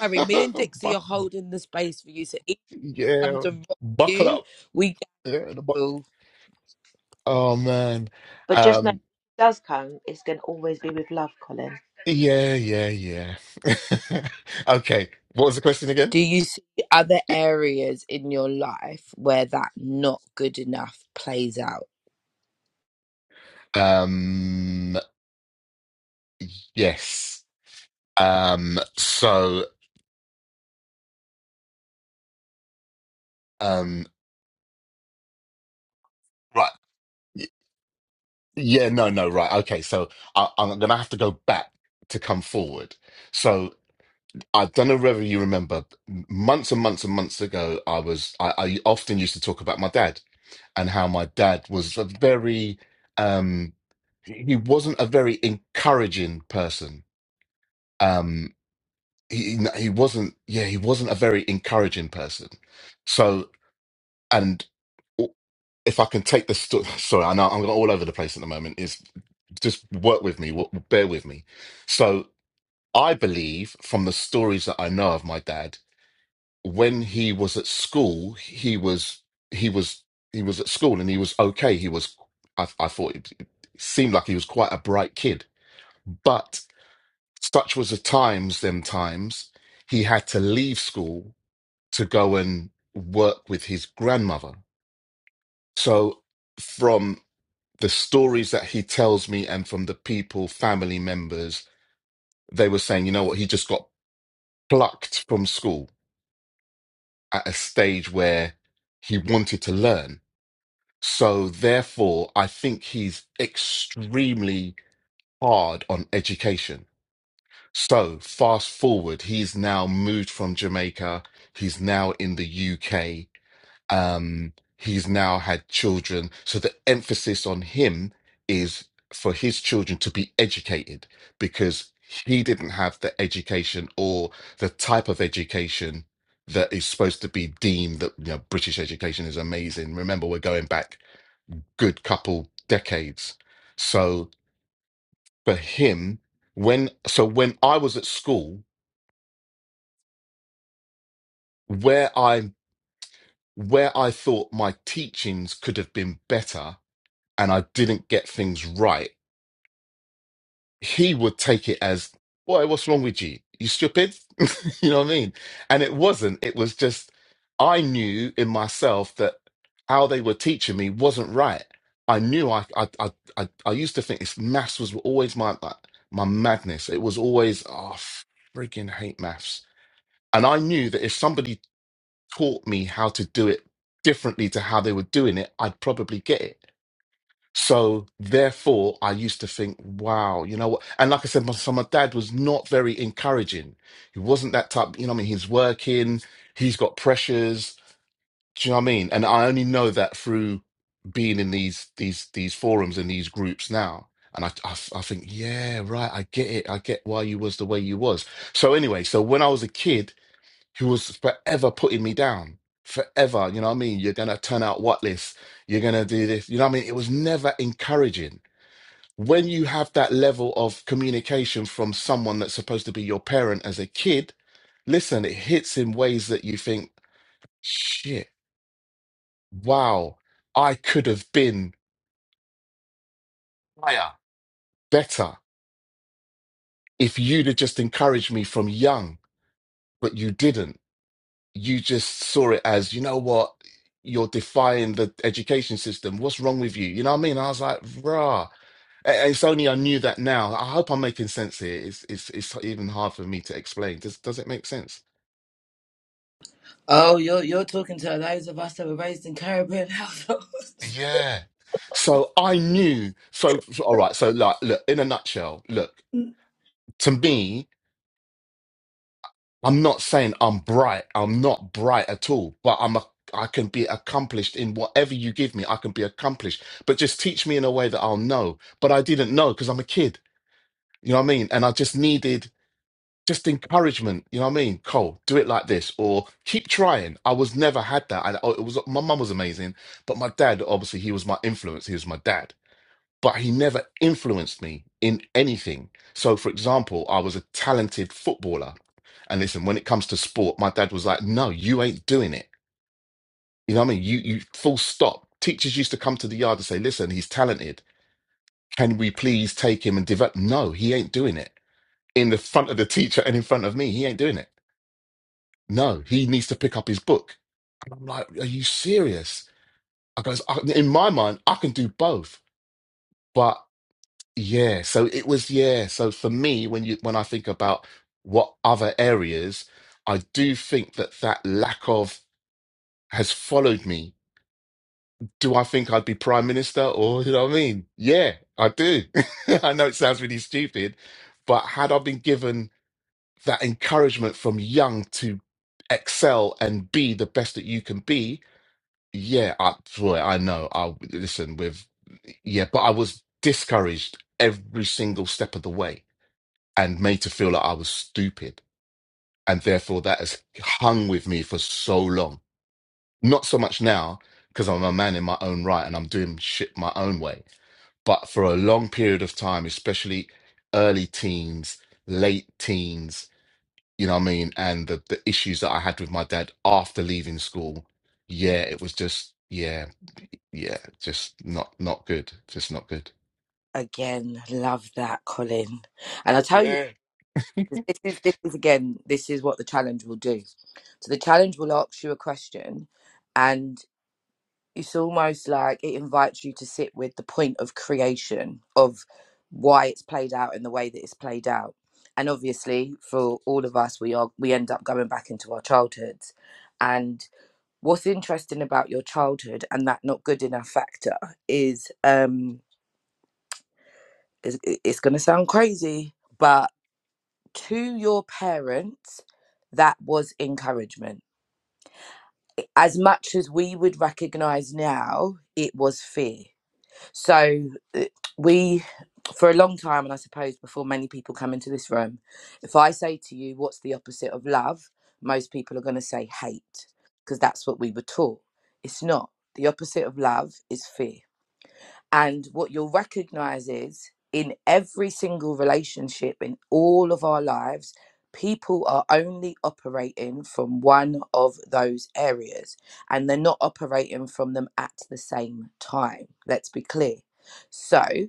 [SPEAKER 3] Harry, me and Dixie are
[SPEAKER 2] Buck,
[SPEAKER 3] holding the space for you. So each
[SPEAKER 2] yeah,
[SPEAKER 3] comes and rocks
[SPEAKER 2] buckle
[SPEAKER 3] you.
[SPEAKER 2] up.
[SPEAKER 3] We
[SPEAKER 2] Yeah, the buck.
[SPEAKER 3] go.
[SPEAKER 2] Oh man.
[SPEAKER 1] but just know if
[SPEAKER 2] Um,
[SPEAKER 1] it does come, it's going to always be with love, Colin.
[SPEAKER 2] yeah, yeah, yeah. *laughs* Okay. What was the question again?
[SPEAKER 3] Do you see other areas in your life where that not good enough plays out?
[SPEAKER 2] Um, yes. Um, so, um, right. Y- Yeah, no, no, right. Okay, so I, I'm gonna have to go back to come forward. So I don't know whether you remember, months and months and months ago, I was I, I often used to talk about my dad. and how my dad was a very um he wasn't a very encouraging person um he he wasn't yeah he wasn't a very encouraging person so and if i can take the story *laughs* sorry i know i'm going all over the place at the moment is just work with me wo- bear with me so i believe from the stories that i know of my dad when he was at school, he was he was he was at school and he was okay. He was I, I thought it, it seemed like he was quite a bright kid, but such was the times them times he had to leave school to go and work with his grandmother. So from the stories that he tells me and from the people, family members, they were saying, you know what, he just got plucked from school at a stage where he wanted to learn So therefore, I think he's extremely hard on education. So fast forward, he's now moved from Jamaica. He's now in the UK. Um, he's now had children. So the emphasis on him is for his children to be educated because he didn't have the education or the type of education that is supposed to be deemed that you know British education is amazing. Remember, we're going back good couple decades. So for him, when so when I was at school, where I where I thought my teachings could have been better and I didn't get things right, he would take it as, Boy, what's wrong with you? You stupid? *laughs* You know what I mean? And it wasn't. It was just I knew in myself that how they were teaching me wasn't right. I knew I I I I, I used to think this maths was always my my, my madness. It was always oh f- freaking hate maths. And I knew that if somebody taught me how to do it differently to how they were doing it, I'd probably get it. So therefore, I used to think, wow, you know what? And like I said, my, so my dad was not very encouraging. He wasn't that type, you know what I mean? He's working, he's got pressures. Do you know what I mean? And I only know that through being in these these these forums and these groups now. And I, I I think, yeah, right, I get it. I get why you was the way you was. So anyway, so when I was a kid, who was forever putting me down. Forever, you know what I mean? You're gonna turn out what list, you're gonna do this, you know what I mean? It was never encouraging. When you have that level of communication from someone that's supposed to be your parent as a kid, listen, it hits in ways that you think, shit, wow, I could have been higher, better if you'd have just encouraged me from young, but you didn't you just saw it as, you know what, you're defying the education system. What's wrong with you? You know what I mean? I was like, rah. And It's only I knew that now. I hope I'm making sense here. It's it's it's even hard for me to explain. Does does it make sense?
[SPEAKER 3] Oh, you're you're talking to those of us that were raised in Caribbean households.
[SPEAKER 2] Yeah. So I knew. So so- all right. So like, look. In a nutshell, look to me. I'm not saying I'm bright. I'm not bright at all, but I'm a, I can be accomplished in whatever you give me. I can be accomplished, but just teach me in a way that I'll know. But I didn't know because I'm a kid. You know what I mean? And I just needed just encouragement. You know what I mean? Cole, do it like this, or keep trying. I was never had that. I, oh, it was my mum was amazing, but my dad obviously he was my influence. He was my dad but he never influenced me in anything. So, for example, I was a talented footballer. And listen, when it comes to sport, my dad was like, no, you ain't doing it. You know what I mean? You, you full stop. Teachers used to come to the yard and say, listen, he's talented. Can we please take him and develop? No, he ain't doing it. In the front of the teacher and in front of me, he ain't doing it. No, he needs to pick up his book. And I'm like, are you serious? I goes, I, in my mind, I can do both. but..." Yeah, so it was, yeah. So for me, when you when I think about what other areas, I do think that that lack of has followed me. Do I think I'd be prime minister or you know what I mean? Yeah, I do. *laughs* I know it sounds really stupid, but had I been given that encouragement from young to excel and be the best that you can be, yeah, I boy, I know. I listen with yeah, but I was discouraged every single step of the way and made to feel like I was stupid. And therefore, that has hung with me for so long. Not so much now, because I'm a man in my own right and I'm doing shit my own way. But for a long period of time, especially early teens, late teens, you know what I mean? And the, the issues that I had with my dad after leaving school, yeah, it was just, yeah, yeah, just not not good. Just not good.
[SPEAKER 3] *laughs* Again, love that, Colin. And I'll tell you,
[SPEAKER 2] Yeah.
[SPEAKER 3] this is this is again, this is what the challenge will do. So the challenge will ask you a question, and. it's almost like it invites you to sit with the point of creation of why it's played out in the way that it's played out and obviously for all of us we are we end up going back into our childhoods and what's interesting about your childhood and that not good enough factor is um is, it's going to sound crazy but to your parents that was encouragement as much as we would recognize now it was fear So uh, we, for a long time, and I suppose before many people come into this room, if I say to you, what's the opposite of love? Most people are going to say hate because that's what we were taught. It's not. The opposite of love is fear. And what you'll recognize is in every single relationship in all of our lives, people are only operating from one of those areas and they're not operating from them at the same time. Let's be clear. So,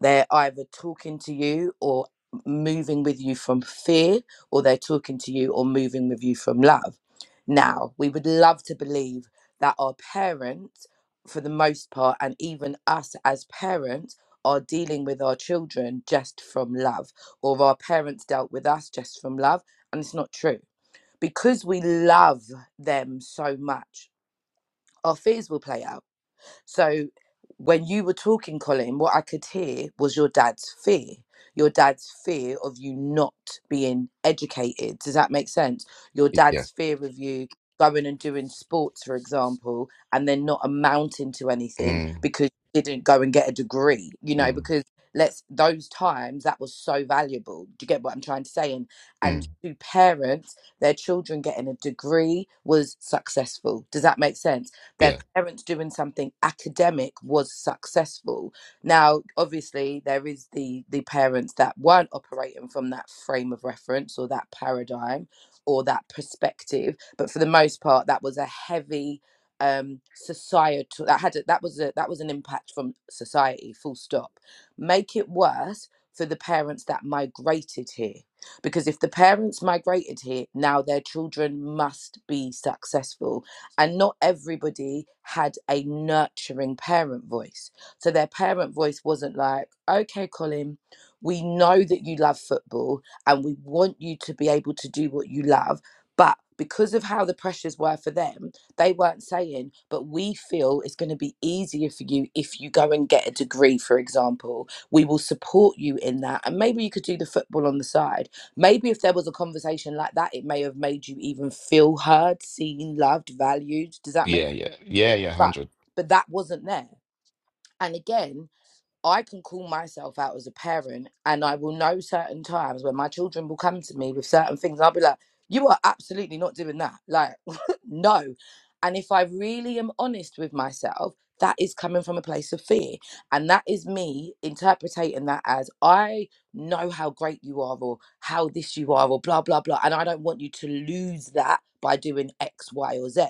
[SPEAKER 3] they're either talking to you or moving with you from fear, or they're talking to you or moving with you from love. Now, we would love to believe that our parents, for the most part, and even us as parents, are dealing with our children just from love, or our parents dealt with us just from love, and it's not true. Because we love them so much, our fears will play out so when you were talking, Colin, what I could hear was your dad's fear. Your dad's fear of you not being educated. Does that make sense? Your
[SPEAKER 2] Yeah.
[SPEAKER 3] dad's fear of you going and doing sports, for example, and then not amounting to anything
[SPEAKER 2] Mm,
[SPEAKER 3] because you didn't go and get a degree, you know,
[SPEAKER 2] mm,
[SPEAKER 3] because let's those times that was so valuable. Do you get what I'm trying to say? And
[SPEAKER 2] mm.
[SPEAKER 3] and to parents, their children getting a degree was successful. Does that make sense? their
[SPEAKER 2] Yeah.
[SPEAKER 3] parents doing something academic was successful. Now, obviously, there is the the parents that weren't operating from that frame of reference or that paradigm or that perspective, but for the most part, that was a heavy um societal that had a, that was a that was an impact from society full stop make it worse for the parents that migrated here because if the parents migrated here now their children must be successful and not everybody had a nurturing parent voice. So their parent voice wasn't like, okay, Colin, we know that you love football and we want you to be able to do what you love. But because of how the pressures were for them, they weren't saying, but we feel it's going to be easier for you if you go and get a degree, for example. We will support you in that. And maybe you could do the football on the side maybe if there was a conversation like that, it may have made you even feel heard, seen, loved, valued. Does that make
[SPEAKER 2] Yeah.
[SPEAKER 3] sense?
[SPEAKER 2] Yeah. Yeah. Yeah.
[SPEAKER 3] but
[SPEAKER 2] 100.
[SPEAKER 3] but that wasn't there. And again, I can call myself out as a parent, and I will know certain times when my children will come to me with certain things. I'll be like, "You are absolutely not doing that." Like, *laughs* no. And if I really am honest with myself, that is coming from a place of fear, and that is me interpreting that as I know how great you are, or how this you are, or blah blah blah, and I don't want you to lose that by doing X, Y, or Z.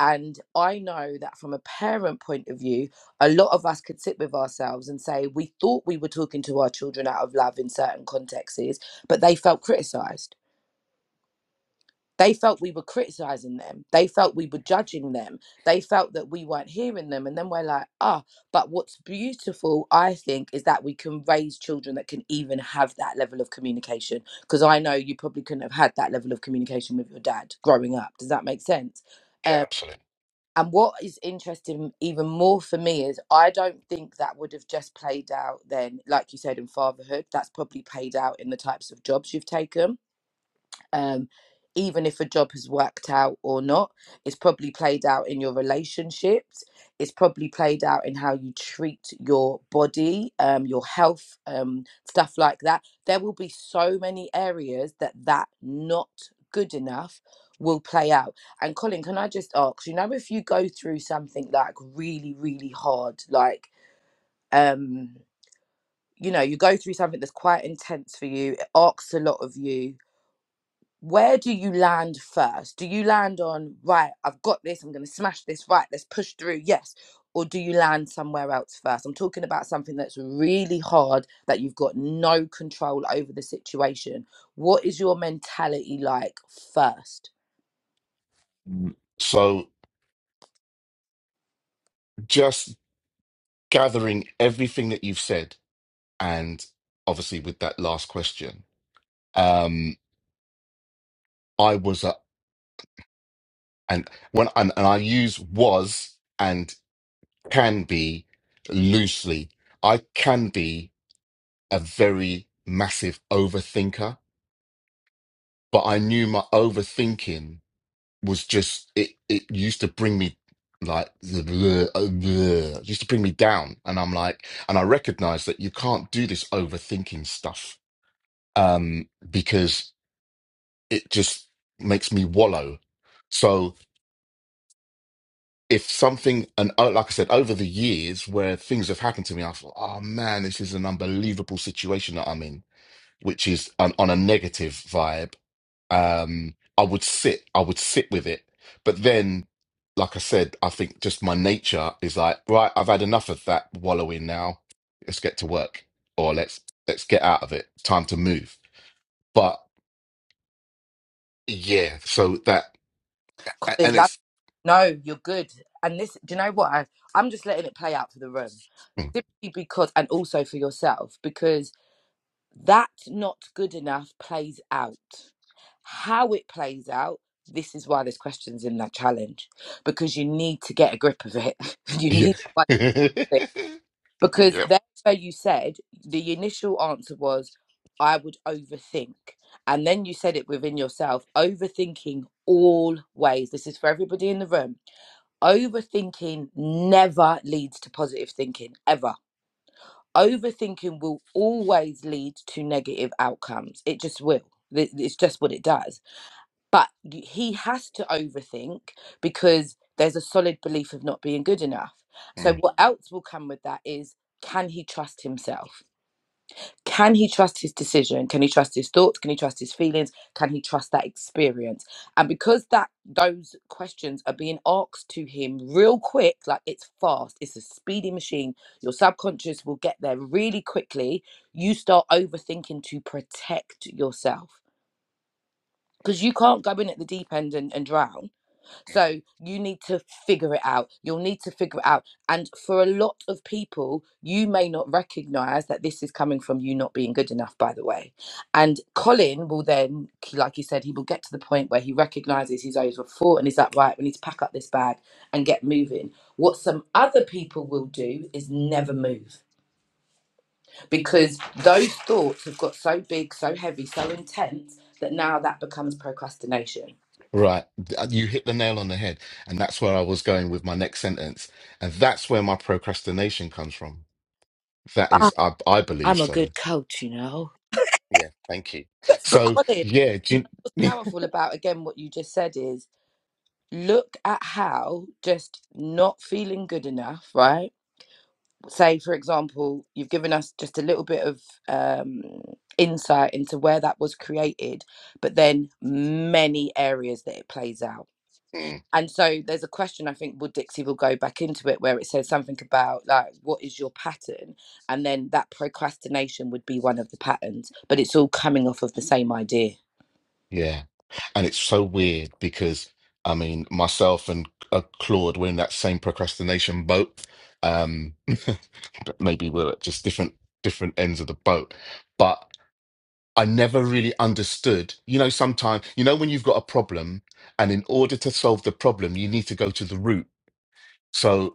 [SPEAKER 3] And I know that from a parent point of view a lot of us could sit with ourselves and say we thought we were talking to our children out of love in certain contexts, but they felt criticized. They felt we were criticizing them. They felt we were judging them. They felt that we weren't hearing them. And then we're like, ah, oh. but what's beautiful, I think, is that we can raise children that can even have that level of communication. Because I know you probably couldn't have had that level of communication with your dad growing up. Does that make sense?
[SPEAKER 2] Yeah,
[SPEAKER 3] Um,
[SPEAKER 2] absolutely.
[SPEAKER 3] and what is interesting even more for me is I don't think that would have just played out then, like you said, in fatherhood. That's probably played out in the types of jobs you've taken um, even if a job has worked out or not, it's probably played out in your relationships. It's probably played out in how you treat your body, um, your health, um, stuff like that. There will be so many areas that that not good enough will play out. And Colin, can I just ask, you know, if you go through something like really, really hard, like, um, you know, you go through something that's quite intense for you, it asks a lot of you where do you land first? Do you land on, right, I've got this, I'm going to smash this, right, let's push through, yes? Or do you land somewhere else first? I'm talking about something that's really hard that you've got no control over the situation. What is your mentality like first?
[SPEAKER 2] So just gathering everything that you've said, and obviously with that last question, um, I was a, and when and, and I use was and can be loosely. I can be a very massive overthinker, but I knew my overthinking was just it it used to bring me like the bleh, uh, bleh, used to bring me down and i'm like and i recognize that you can't do this overthinking stuff um because it just makes me wallow so if something and uh, like i said over the years where things have happened to me i thought oh man this is an unbelievable situation that i'm in which is on, on a negative vibe, um, I would sit, I would sit with it. But then, like I said, I think just my nature is like, right, I've had enough of that wallowing now. Let's get to work, or let's let's get out of it. Time to move. But yeah, so that a-
[SPEAKER 3] Colin,
[SPEAKER 2] and
[SPEAKER 3] love,
[SPEAKER 2] it's
[SPEAKER 3] no, you're good. And this, do you know what? I, I'm just letting it play out for the room
[SPEAKER 2] mm,
[SPEAKER 3] simply because, and also for yourself, because that not good enough plays out How it plays out, this is why there's questions in that challenge because you need to get a grip of it. *laughs* you
[SPEAKER 2] yeah.
[SPEAKER 3] need to like it
[SPEAKER 2] *laughs*
[SPEAKER 3] because
[SPEAKER 2] Yep.
[SPEAKER 3] there where you said the initial answer was I would overthink, and then you said it within yourself overthinking always. This is for everybody in the room. Overthinking never leads to positive thinking ever overthinking will always lead to negative outcomes. It just will. Th- It's just what it does but y- he has to overthink because there's a solid belief of not being good enough. So,
[SPEAKER 2] Mm.
[SPEAKER 3] what else will come with that is can he trust himself? Can he trust his decision? Can he trust his thoughts? Can he trust his feelings? Can he trust that experience? And because that those questions are being asked to him real quick, like it's fast, it's a speedy machine. Your subconscious will get there really quickly. You start overthinking to protect yourself because you can't go in at the deep end and, and drown so you need to figure it out. You'll need to figure it out. And for a lot of people, you may not recognize that this is coming from you not being good enough, by the way. And Colin will then, like he said, he will get to the point where he recognizes he's overthought and he's like, right, we need to pack up this bag and get moving. What some other people will do is never move because those thoughts have got so big, so heavy, so intense that now that becomes procrastination.
[SPEAKER 2] Right. You hit the nail on the head. And that's where I was going with my next sentence. And that's where my procrastination comes from That is,
[SPEAKER 3] Ah,
[SPEAKER 2] I, I believe
[SPEAKER 3] I'm a
[SPEAKER 2] so.
[SPEAKER 3] good coach, you know.
[SPEAKER 2] Yeah, thank you.
[SPEAKER 3] But, but
[SPEAKER 2] So,
[SPEAKER 3] Colin,
[SPEAKER 2] yeah, do
[SPEAKER 3] you
[SPEAKER 2] you-
[SPEAKER 3] know what's powerful about again what you just said is look at how just not feeling good enough, right? Say, for example, you've given us just a little bit of um, insight into where that was created, but then many areas that it plays out.
[SPEAKER 2] mm,
[SPEAKER 3] And so there's a question I think would Dixie will go back into it where it says something about like what is your pattern? And then that procrastination would be one of the patterns, but it's all coming off of the same idea.
[SPEAKER 2] yeah, and it's so weird because I mean, myself and uh, Claude were in that same procrastination boat. Um, *laughs* but maybe we're at just different different ends of the boat. But I never really understood. You know, sometimes you know when you've got a problem, and in order to solve the problem, you need to go to the root. So.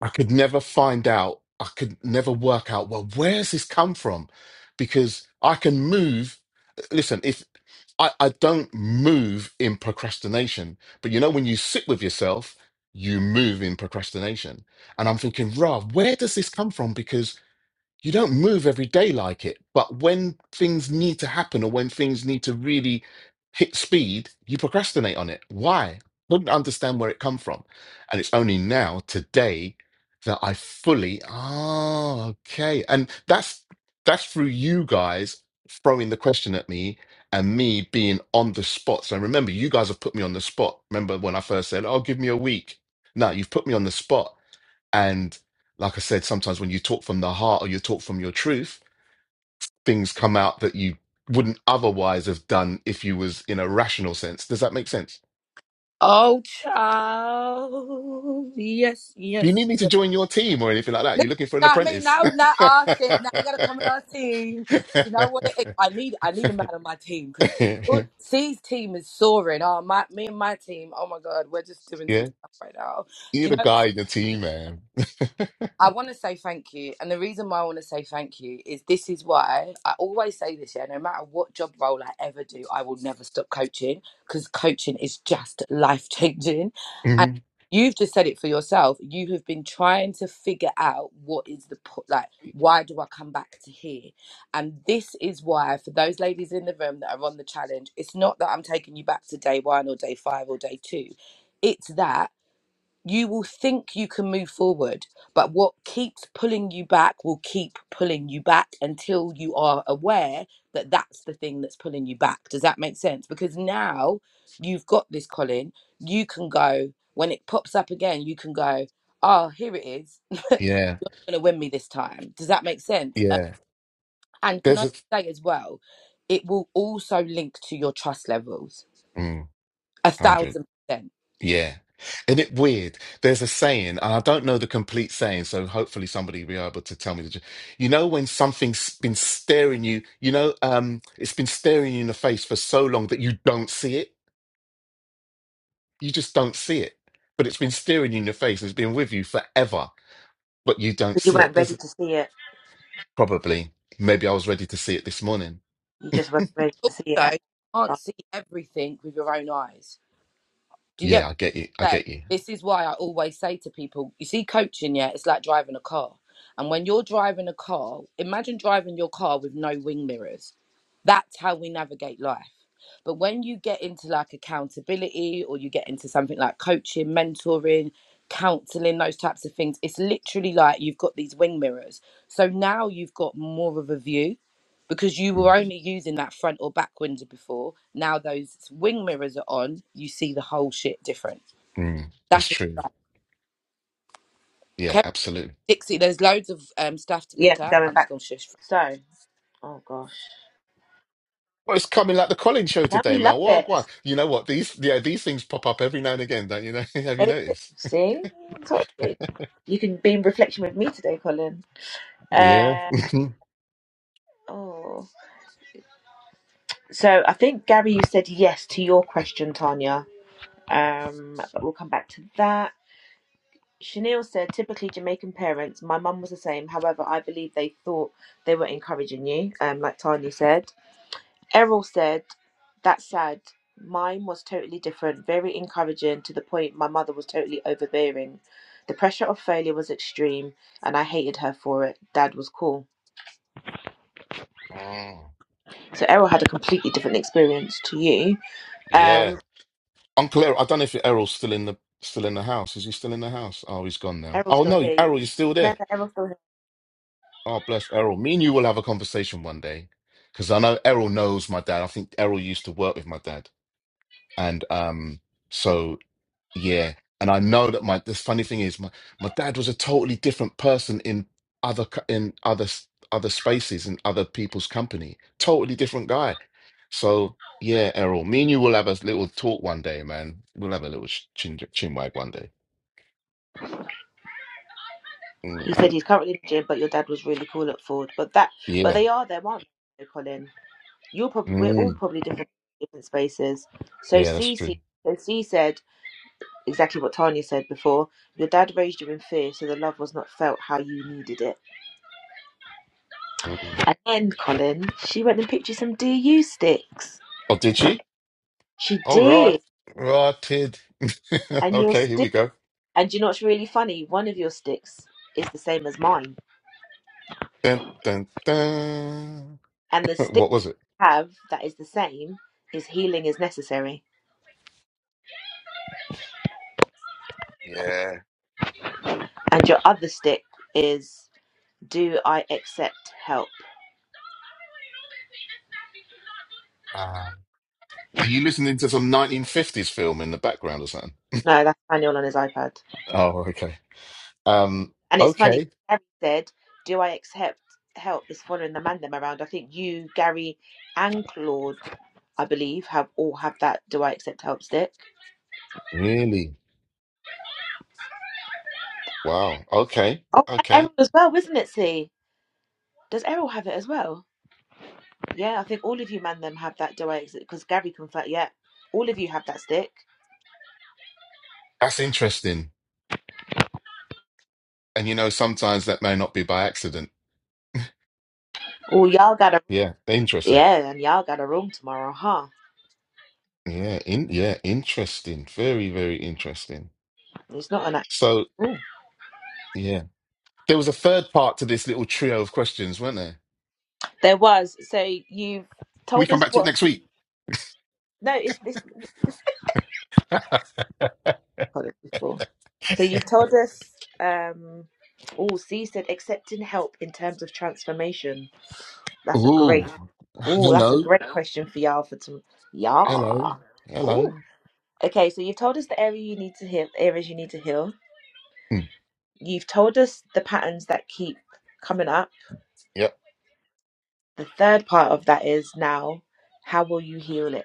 [SPEAKER 2] I could never find out. I could never work out, well, where's this come from? Because I can move. Listen, if I, I don't move in procrastination, but you know, when you sit with yourself, you move in procrastination. And I'm thinking, Rob, where does this come from? Because you don't move every day like it but when things need to happen or when things need to really hit speed you procrastinate on it why couldn't understand where it come from and it's only now today that i fully oh okay and that's that's through you guys throwing the question at me and me being on the spot so remember you guys have put me on the spot remember when i first said oh give me a week no you've put me on the spot and like I said, sometimes when you talk from the heart or you talk from your truth, things come out that you wouldn't otherwise have done if you was in a rational sense. Does that make sense?
[SPEAKER 3] Oh, child. Yes,
[SPEAKER 2] You
[SPEAKER 3] yes.
[SPEAKER 2] need me to join your team or anything like that.
[SPEAKER 3] Listen,
[SPEAKER 2] You're looking for an
[SPEAKER 3] You know what I mean?
[SPEAKER 2] apprentice.
[SPEAKER 3] now, not all
[SPEAKER 2] *laughs*
[SPEAKER 3] shit. Now you gotta come on our team. You know what? If I need, I need a man on my team because C's team is soaring. Oh, my, me and my team. Oh my God, we're just doing some
[SPEAKER 2] yeah.
[SPEAKER 3] stuff right now.
[SPEAKER 2] You're
[SPEAKER 3] Do you
[SPEAKER 2] the
[SPEAKER 3] know?
[SPEAKER 2] guy in the team, man.
[SPEAKER 3] I want to say thank you. And the reason why I want to say thank you is this is why I always say this, yeah, no matter what job role I ever do, I will never stop coaching because coaching is just life changing. And
[SPEAKER 2] Mhm.
[SPEAKER 3] you've just said it for yourself. You have been trying to figure out what is the, po- like, why do I come back to here? And this is why, for those ladies in the room that are on the challenge, it's not that I'm taking you back to day one or day five or day two. It's that you will think you can move forward, but what keeps pulling you back will keep pulling you back until you are aware that that's the thing that's pulling you back. Does that make sense? Because now you've got this, Colin. You can go, when it pops up again, you can go, oh, here it is.
[SPEAKER 2] Yeah.
[SPEAKER 3] It's going to win me this time. Does that make sense? Uh,
[SPEAKER 2] Yeah.
[SPEAKER 3] and can
[SPEAKER 2] There's
[SPEAKER 3] I
[SPEAKER 2] a
[SPEAKER 3] say as well, it will also link to your trust levels
[SPEAKER 2] mm,
[SPEAKER 3] a
[SPEAKER 2] 100.
[SPEAKER 3] thousand percent.
[SPEAKER 2] Yeah. Isn't it weird? There's a saying, and I don't know the complete saying, so hopefully somebody will be able to tell me. The, ju- you know, when something's been staring you, you know, um, it's been staring you in the face for so long that you don't see it. You just don't see it. But it's been staring you in the face. It's been with you forever, but you don't
[SPEAKER 1] Because you
[SPEAKER 2] see
[SPEAKER 1] weren't
[SPEAKER 2] it.
[SPEAKER 1] ready
[SPEAKER 2] There's
[SPEAKER 1] to see it.
[SPEAKER 2] probably, maybe I was ready to see it this morning.
[SPEAKER 1] You just weren't ready to see it
[SPEAKER 3] So
[SPEAKER 1] at
[SPEAKER 3] you
[SPEAKER 1] the
[SPEAKER 3] can't
[SPEAKER 1] time.
[SPEAKER 3] see everything with your own eyes. Do you get
[SPEAKER 2] Yeah, I get you. I
[SPEAKER 3] say
[SPEAKER 2] get you.
[SPEAKER 3] this is why I always say to people, you see, coaching, yeah, it's like driving a car. And when you're driving a car, imagine driving your car with no wing mirrors. That's how we navigate life. But when you get into like accountability or you get into something like coaching, mentoring, counseling, those types of things, it's literally like you've got these wing mirrors. So now you've got more of a view because you
[SPEAKER 2] Mm,
[SPEAKER 3] were only using that front or back window before. Now those wing mirrors are on, you see the whole shit different.
[SPEAKER 2] mm, that's
[SPEAKER 3] That's what it's
[SPEAKER 2] true.
[SPEAKER 3] like.
[SPEAKER 2] Yeah, absolutely.
[SPEAKER 3] Dixie, there's loads of um, stuff to
[SPEAKER 1] Yeah,
[SPEAKER 3] pick up.
[SPEAKER 1] going
[SPEAKER 3] I'm just
[SPEAKER 1] back.
[SPEAKER 3] going to shush.
[SPEAKER 1] So, oh gosh.
[SPEAKER 2] Well, it's coming like the Colin show
[SPEAKER 1] Now
[SPEAKER 2] today,
[SPEAKER 1] we love
[SPEAKER 2] Mel.
[SPEAKER 1] it.
[SPEAKER 2] Wagwan. You know what? These yeah, these things pop up every now and again, don't you know? *laughs* Have you
[SPEAKER 1] They-
[SPEAKER 2] noticed?
[SPEAKER 1] See? Told you. You can be in reflection with me today, Colin.
[SPEAKER 2] Yeah.
[SPEAKER 1] Uh,
[SPEAKER 2] *laughs*
[SPEAKER 1] oh, so I think Gary, you said yes to your question, Tanya. Um, but we'll come back to that. Chanel said, typically Jamaican parents. My mum was the same. However, I believe they thought they were encouraging you, um, like Tanya said. Errol said, that's sad. Mine was totally different, very encouraging to the point my mother was totally overbearing. The pressure of failure was extreme, and I hated her for it. Dad was cool.
[SPEAKER 2] Mm,
[SPEAKER 1] So Errol had a completely different experience to you.
[SPEAKER 2] yeah.
[SPEAKER 1] Um,
[SPEAKER 2] Uncle Errol, I don't know if Errol's still in the still in the house. Is he still in the house? Oh, he's gone now.
[SPEAKER 1] Errol's
[SPEAKER 2] Oh
[SPEAKER 1] still
[SPEAKER 2] no,
[SPEAKER 1] here.
[SPEAKER 2] Errol, you're still
[SPEAKER 1] No,
[SPEAKER 2] there.
[SPEAKER 1] no, Errol's still here.
[SPEAKER 2] Oh, bless Errol. Me and you will have a conversation one day. Because I know Errol knows my dad. I think Errol used to work with my dad. And um so Yeah. And I know that my the funny thing is my my dad was a totally different person in other co- in other s- other spaces and other people's company. Totally different guy. So yeah, Errol, me and you will have a little talk one day, man. We'll have a little sh- chin chin wag one day. Mm.
[SPEAKER 1] He said he's currently in the gym, but your dad was really cool at Ford. But that, but
[SPEAKER 2] Yeah.
[SPEAKER 1] they are there, aren't they, Colin? You're probably, we're all
[SPEAKER 2] Mm.
[SPEAKER 1] probably different, different spaces. So
[SPEAKER 2] Yeah, that's true.
[SPEAKER 1] Cece, so C said exactly what Tanya said before. Your dad raised you in fear, so the love was not felt how you needed it.
[SPEAKER 2] Mm.
[SPEAKER 1] And then, Colin, she went and picked you some DU sticks.
[SPEAKER 2] Oh, did she?
[SPEAKER 1] She
[SPEAKER 2] Oh, right.
[SPEAKER 1] did.
[SPEAKER 2] Rotted. *laughs*
[SPEAKER 1] And your
[SPEAKER 2] Okay, here we
[SPEAKER 1] stick,
[SPEAKER 2] go.
[SPEAKER 1] and you know what's really funny? One of your sticks is the same as mine.
[SPEAKER 2] Dun, dun, dun.
[SPEAKER 1] And the
[SPEAKER 2] *laughs*
[SPEAKER 1] stick
[SPEAKER 2] What was it?
[SPEAKER 1] have that is the same is healing is necessary.
[SPEAKER 2] Yeah.
[SPEAKER 1] And your other stick is do I accept help?
[SPEAKER 2] Ah. Are you listening to some 1950s film in the background or something?
[SPEAKER 1] No, that's Daniel on his iPad.
[SPEAKER 2] Oh, okay. Um,
[SPEAKER 1] And it's funny,
[SPEAKER 2] okay.
[SPEAKER 1] Gary said, Do I accept help is following the man them around. I think you, Gary, and Claude, I believe, have all have that do I accept help stick.
[SPEAKER 2] Really? Wow. Okay.
[SPEAKER 1] Oh, and
[SPEAKER 2] Okay.
[SPEAKER 1] Errol as well, isn't it, See, Does Errol have it as well? Yeah, I think all of you man them have that do I accept because Gary confirmed yeah, all of you have that stick.
[SPEAKER 2] That's interesting. And you know, sometimes that may not be by accident.
[SPEAKER 1] Oh y'all got a.
[SPEAKER 2] Yeah, interesting.
[SPEAKER 1] Yeah, and y'all got a room tomorrow, huh?
[SPEAKER 2] Yeah, in yeah, interesting. Very, very interesting.
[SPEAKER 1] It's not an actual
[SPEAKER 2] So,
[SPEAKER 1] room.
[SPEAKER 2] yeah. There was a third part to this little trio of questions, weren't there?
[SPEAKER 1] There was. So you've
[SPEAKER 2] we
[SPEAKER 1] told
[SPEAKER 2] come
[SPEAKER 1] us
[SPEAKER 2] back to it
[SPEAKER 1] what?
[SPEAKER 2] next week?
[SPEAKER 1] No, it's this.
[SPEAKER 2] *laughs*
[SPEAKER 1] told us before. So you've told us. Um, oh, C said accepting help in terms of transformation. That's a
[SPEAKER 2] Ooh.
[SPEAKER 1] great. Oh, that's a
[SPEAKER 2] Hello.
[SPEAKER 1] great question for y'all for tomorrow.
[SPEAKER 2] Hello.
[SPEAKER 1] Yeah. Oh.
[SPEAKER 2] Hello.
[SPEAKER 1] Okay, so you've told us the area you need to heal, areas you need to heal.
[SPEAKER 2] Mm,
[SPEAKER 1] You've told us the patterns that keep coming up. The third part of that is now, how will you heal it?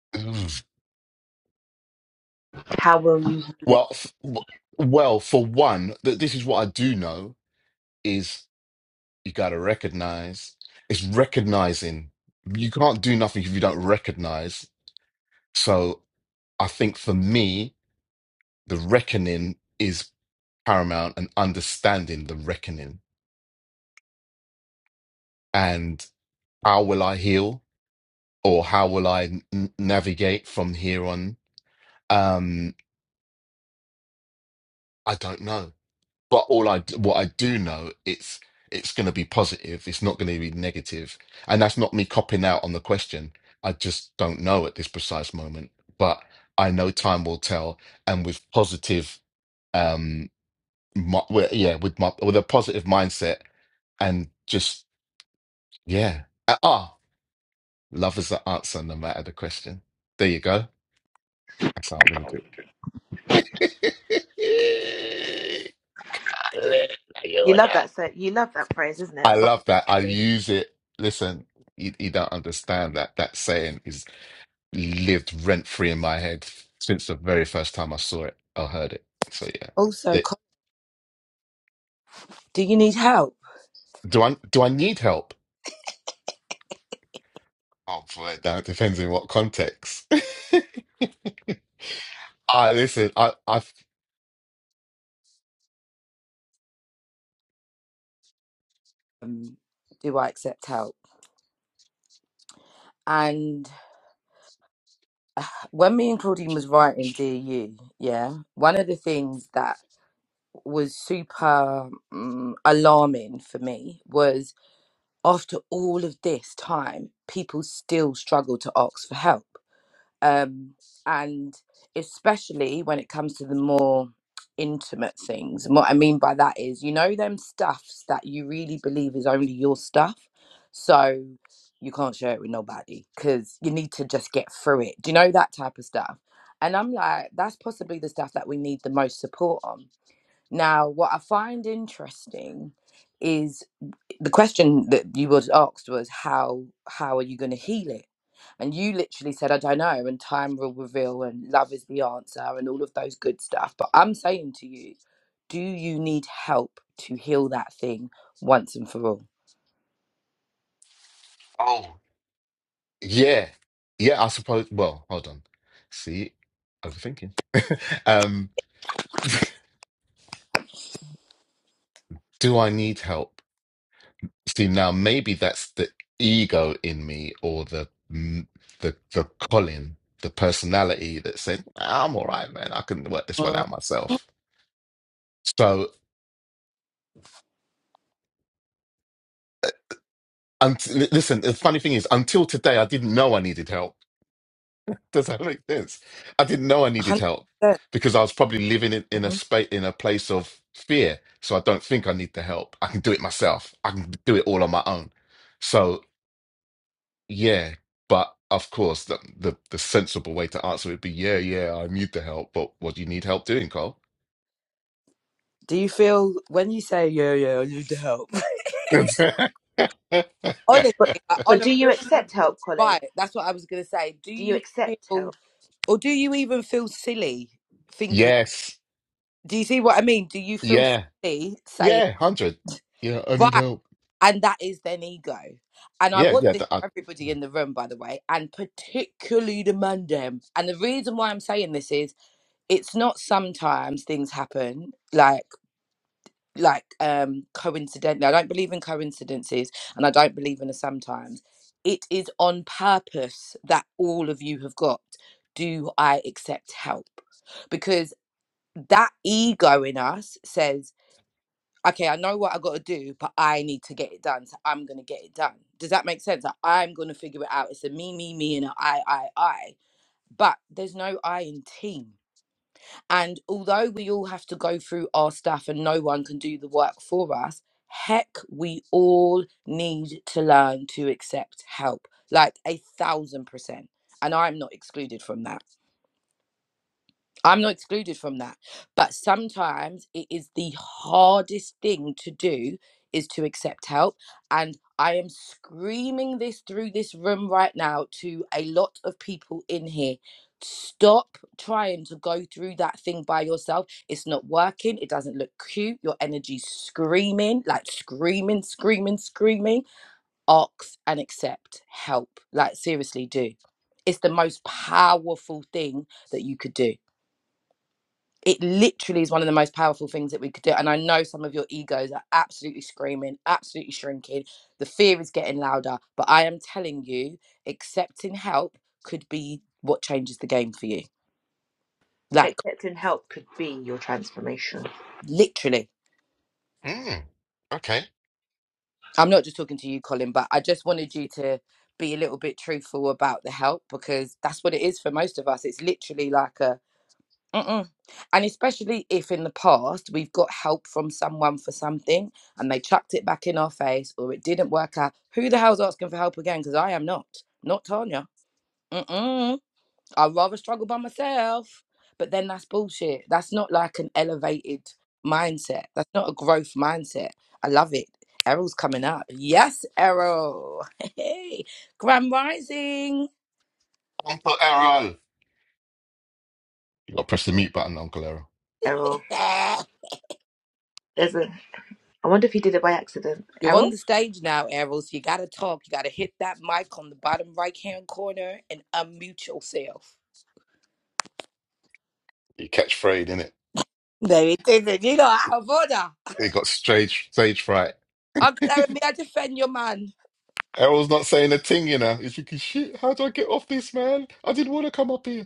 [SPEAKER 2] Yep.
[SPEAKER 1] How will you heal it?
[SPEAKER 2] Well, f- w- well, for one, th- this is what I do know is you got to recognize. It's recognizing. You can't do nothing if you don't recognize. So I think for me, the reckoning is paramount and understanding the reckoning. And how will I heal or how will I n- navigate from here on? Um, I don't know but all I what I do know it's it's going to be positive. It's not going to be negative, and that's not me copping out on the question. I just don't know at this precise moment, but I know time will tell. And with positive, um, mi- well, yeah, with my with a positive mindset and just yeah, ah, ah, love is the answer no matter the question. There you go. That's how I'm going to do.
[SPEAKER 1] You
[SPEAKER 2] it.
[SPEAKER 1] love
[SPEAKER 2] *laughs*
[SPEAKER 1] that so you love that phrase, isn't
[SPEAKER 2] I
[SPEAKER 1] it? But
[SPEAKER 2] love that. I use it. Listen, you, you don't understand that. That saying is lived rent free in my head since the very first time I saw it or heard it. So yeah,
[SPEAKER 3] Also,
[SPEAKER 2] That-
[SPEAKER 3] co- do you need help?
[SPEAKER 2] do I do I need help? Oh boy, that depends in what context. *laughs* I listen. I I
[SPEAKER 3] Um, do I accept help? And when me and Claudine was writing Dear You, yeah, one of the things that was super um, alarming for me was after all of this time, people still struggle to ask for help. um, and especially when it comes to the more intimate things. And what I mean by that is, you know, them stuffs that you really believe is only your stuff, so you can't share it with nobody because you need to just get through it. Do you know that type of stuff? And I'm like, that's possibly the stuff that we need the most support on. Now, what I find interesting is the question that you was asked was how how are you going to heal it and you literally said i don't know and time will reveal and love is the answer and all of those good stuff but i'm saying to you do you need help to heal that thing once and for all
[SPEAKER 2] oh yeah yeah. I suppose. Well, hold on. See, overthinking. *laughs* um, do I need help? See, now maybe that's the ego in me or the mm, the the Colin, the personality that said, "Nah, I'm all right, man. I can work this one
[SPEAKER 3] Mm.
[SPEAKER 2] out myself. So, unt- li- listen, the funny thing is, until today, I didn't know I needed help. *laughs* Does that make sense? I didn't know I needed
[SPEAKER 3] 100%
[SPEAKER 2] help because I was probably living in, in a
[SPEAKER 1] Mhm.
[SPEAKER 2] space, in a place of fear. So I don't think I need the help. I can do it myself. I can do it all on my own. So. Yeah, but of course, the, the the sensible way to answer would be, yeah, yeah, I need the help, but what do you need help doing, Carl?
[SPEAKER 3] do you feel when you say yeah yeah i need the help *laughs*
[SPEAKER 2] *laughs*
[SPEAKER 3] honestly
[SPEAKER 1] but
[SPEAKER 3] like,
[SPEAKER 1] but
[SPEAKER 3] on a
[SPEAKER 1] do you
[SPEAKER 3] real
[SPEAKER 1] accept
[SPEAKER 3] level
[SPEAKER 1] help, Colin?
[SPEAKER 3] right that's what i was going to say do
[SPEAKER 1] Do you
[SPEAKER 3] you
[SPEAKER 1] accept
[SPEAKER 3] feel
[SPEAKER 1] help?
[SPEAKER 3] or do you even feel silly thinking?
[SPEAKER 2] Yes,
[SPEAKER 3] Do you see what I mean? Do you feel
[SPEAKER 2] yeah,
[SPEAKER 3] silly saying
[SPEAKER 2] yeah, hundred. Yeah, I need
[SPEAKER 3] right?
[SPEAKER 2] help.
[SPEAKER 3] And that is then ego. And I
[SPEAKER 2] Yeah,
[SPEAKER 3] want
[SPEAKER 2] yeah.
[SPEAKER 3] this
[SPEAKER 2] That, I,
[SPEAKER 3] for everybody in the room, by the way, and particularly the man dem. And the reason why I'm saying this is it's not sometimes things happen like like um coincidentally. I don't believe in coincidences and I don't believe in a sometimes. It is on purpose that all of you have got. Do I accept help? Because that ego in us says okay, I know what I got to do, but I need to get it done. So I'm going to get it done. Does that make sense? Like, I'm going to figure it out. It's a me, me, me, and a I, I, I. But there's no I in team. And although we all have to go through our stuff and no one can do the work for us, heck, we all need to learn to accept help like a thousand percent. And I'm not excluded from that. I'm not excluded from that. But sometimes it is the hardest thing to do is to accept help. And I am screaming this through this room right now to a lot of people in here. Stop trying to go through that thing by yourself. It's not working. It doesn't look cute. Your energy's screaming, like screaming, screaming, screaming. Ask and accept help. Like, seriously, do. It's the most powerful thing that you could do it literally is one of the most powerful things that we could do. And I know some of your egos are absolutely screaming, absolutely shrinking. The fear is getting louder. But I am telling you, accepting help could be what changes the game for you. Like,
[SPEAKER 1] Accepting help could be your transformation.
[SPEAKER 3] literally.
[SPEAKER 2] mm, okay,
[SPEAKER 3] I'm not just talking to you, Colin, but I just wanted you to be a little bit truthful about the help because that's what it is for most of us. It's literally like a Mm-mm. And especially if in the past we've got help from someone for something and they chucked it back in our face or it didn't work out, who the hell's asking for help again? Because I am not, not Tanya. Mm-mm. I'd rather struggle by myself. But then that's bullshit. That's not like an elevated mindset. That's not a growth mindset. I love it. Errol's coming up. Yes, Errol. *laughs* Hey, Grand Rising.
[SPEAKER 2] Uncle Errol. You got to press the mute button, Uncle Errol.
[SPEAKER 1] Errol.
[SPEAKER 3] *laughs*
[SPEAKER 1] There's a. I wonder if he did it by accident.
[SPEAKER 3] You're on
[SPEAKER 1] Errol?
[SPEAKER 3] the stage now, Errol, so you got to talk. You got to hit that mic on the bottom right hand corner and unmute yourself.
[SPEAKER 2] You catch frayed in it.
[SPEAKER 3] Baby, you know, out of order.
[SPEAKER 2] He got stage stage fright.
[SPEAKER 3] Uncle Larry, may I defend your man?
[SPEAKER 2] Errol's not saying a thing, you know. He's thinking, shit, how do I get off this, man? I didn't want to come up here.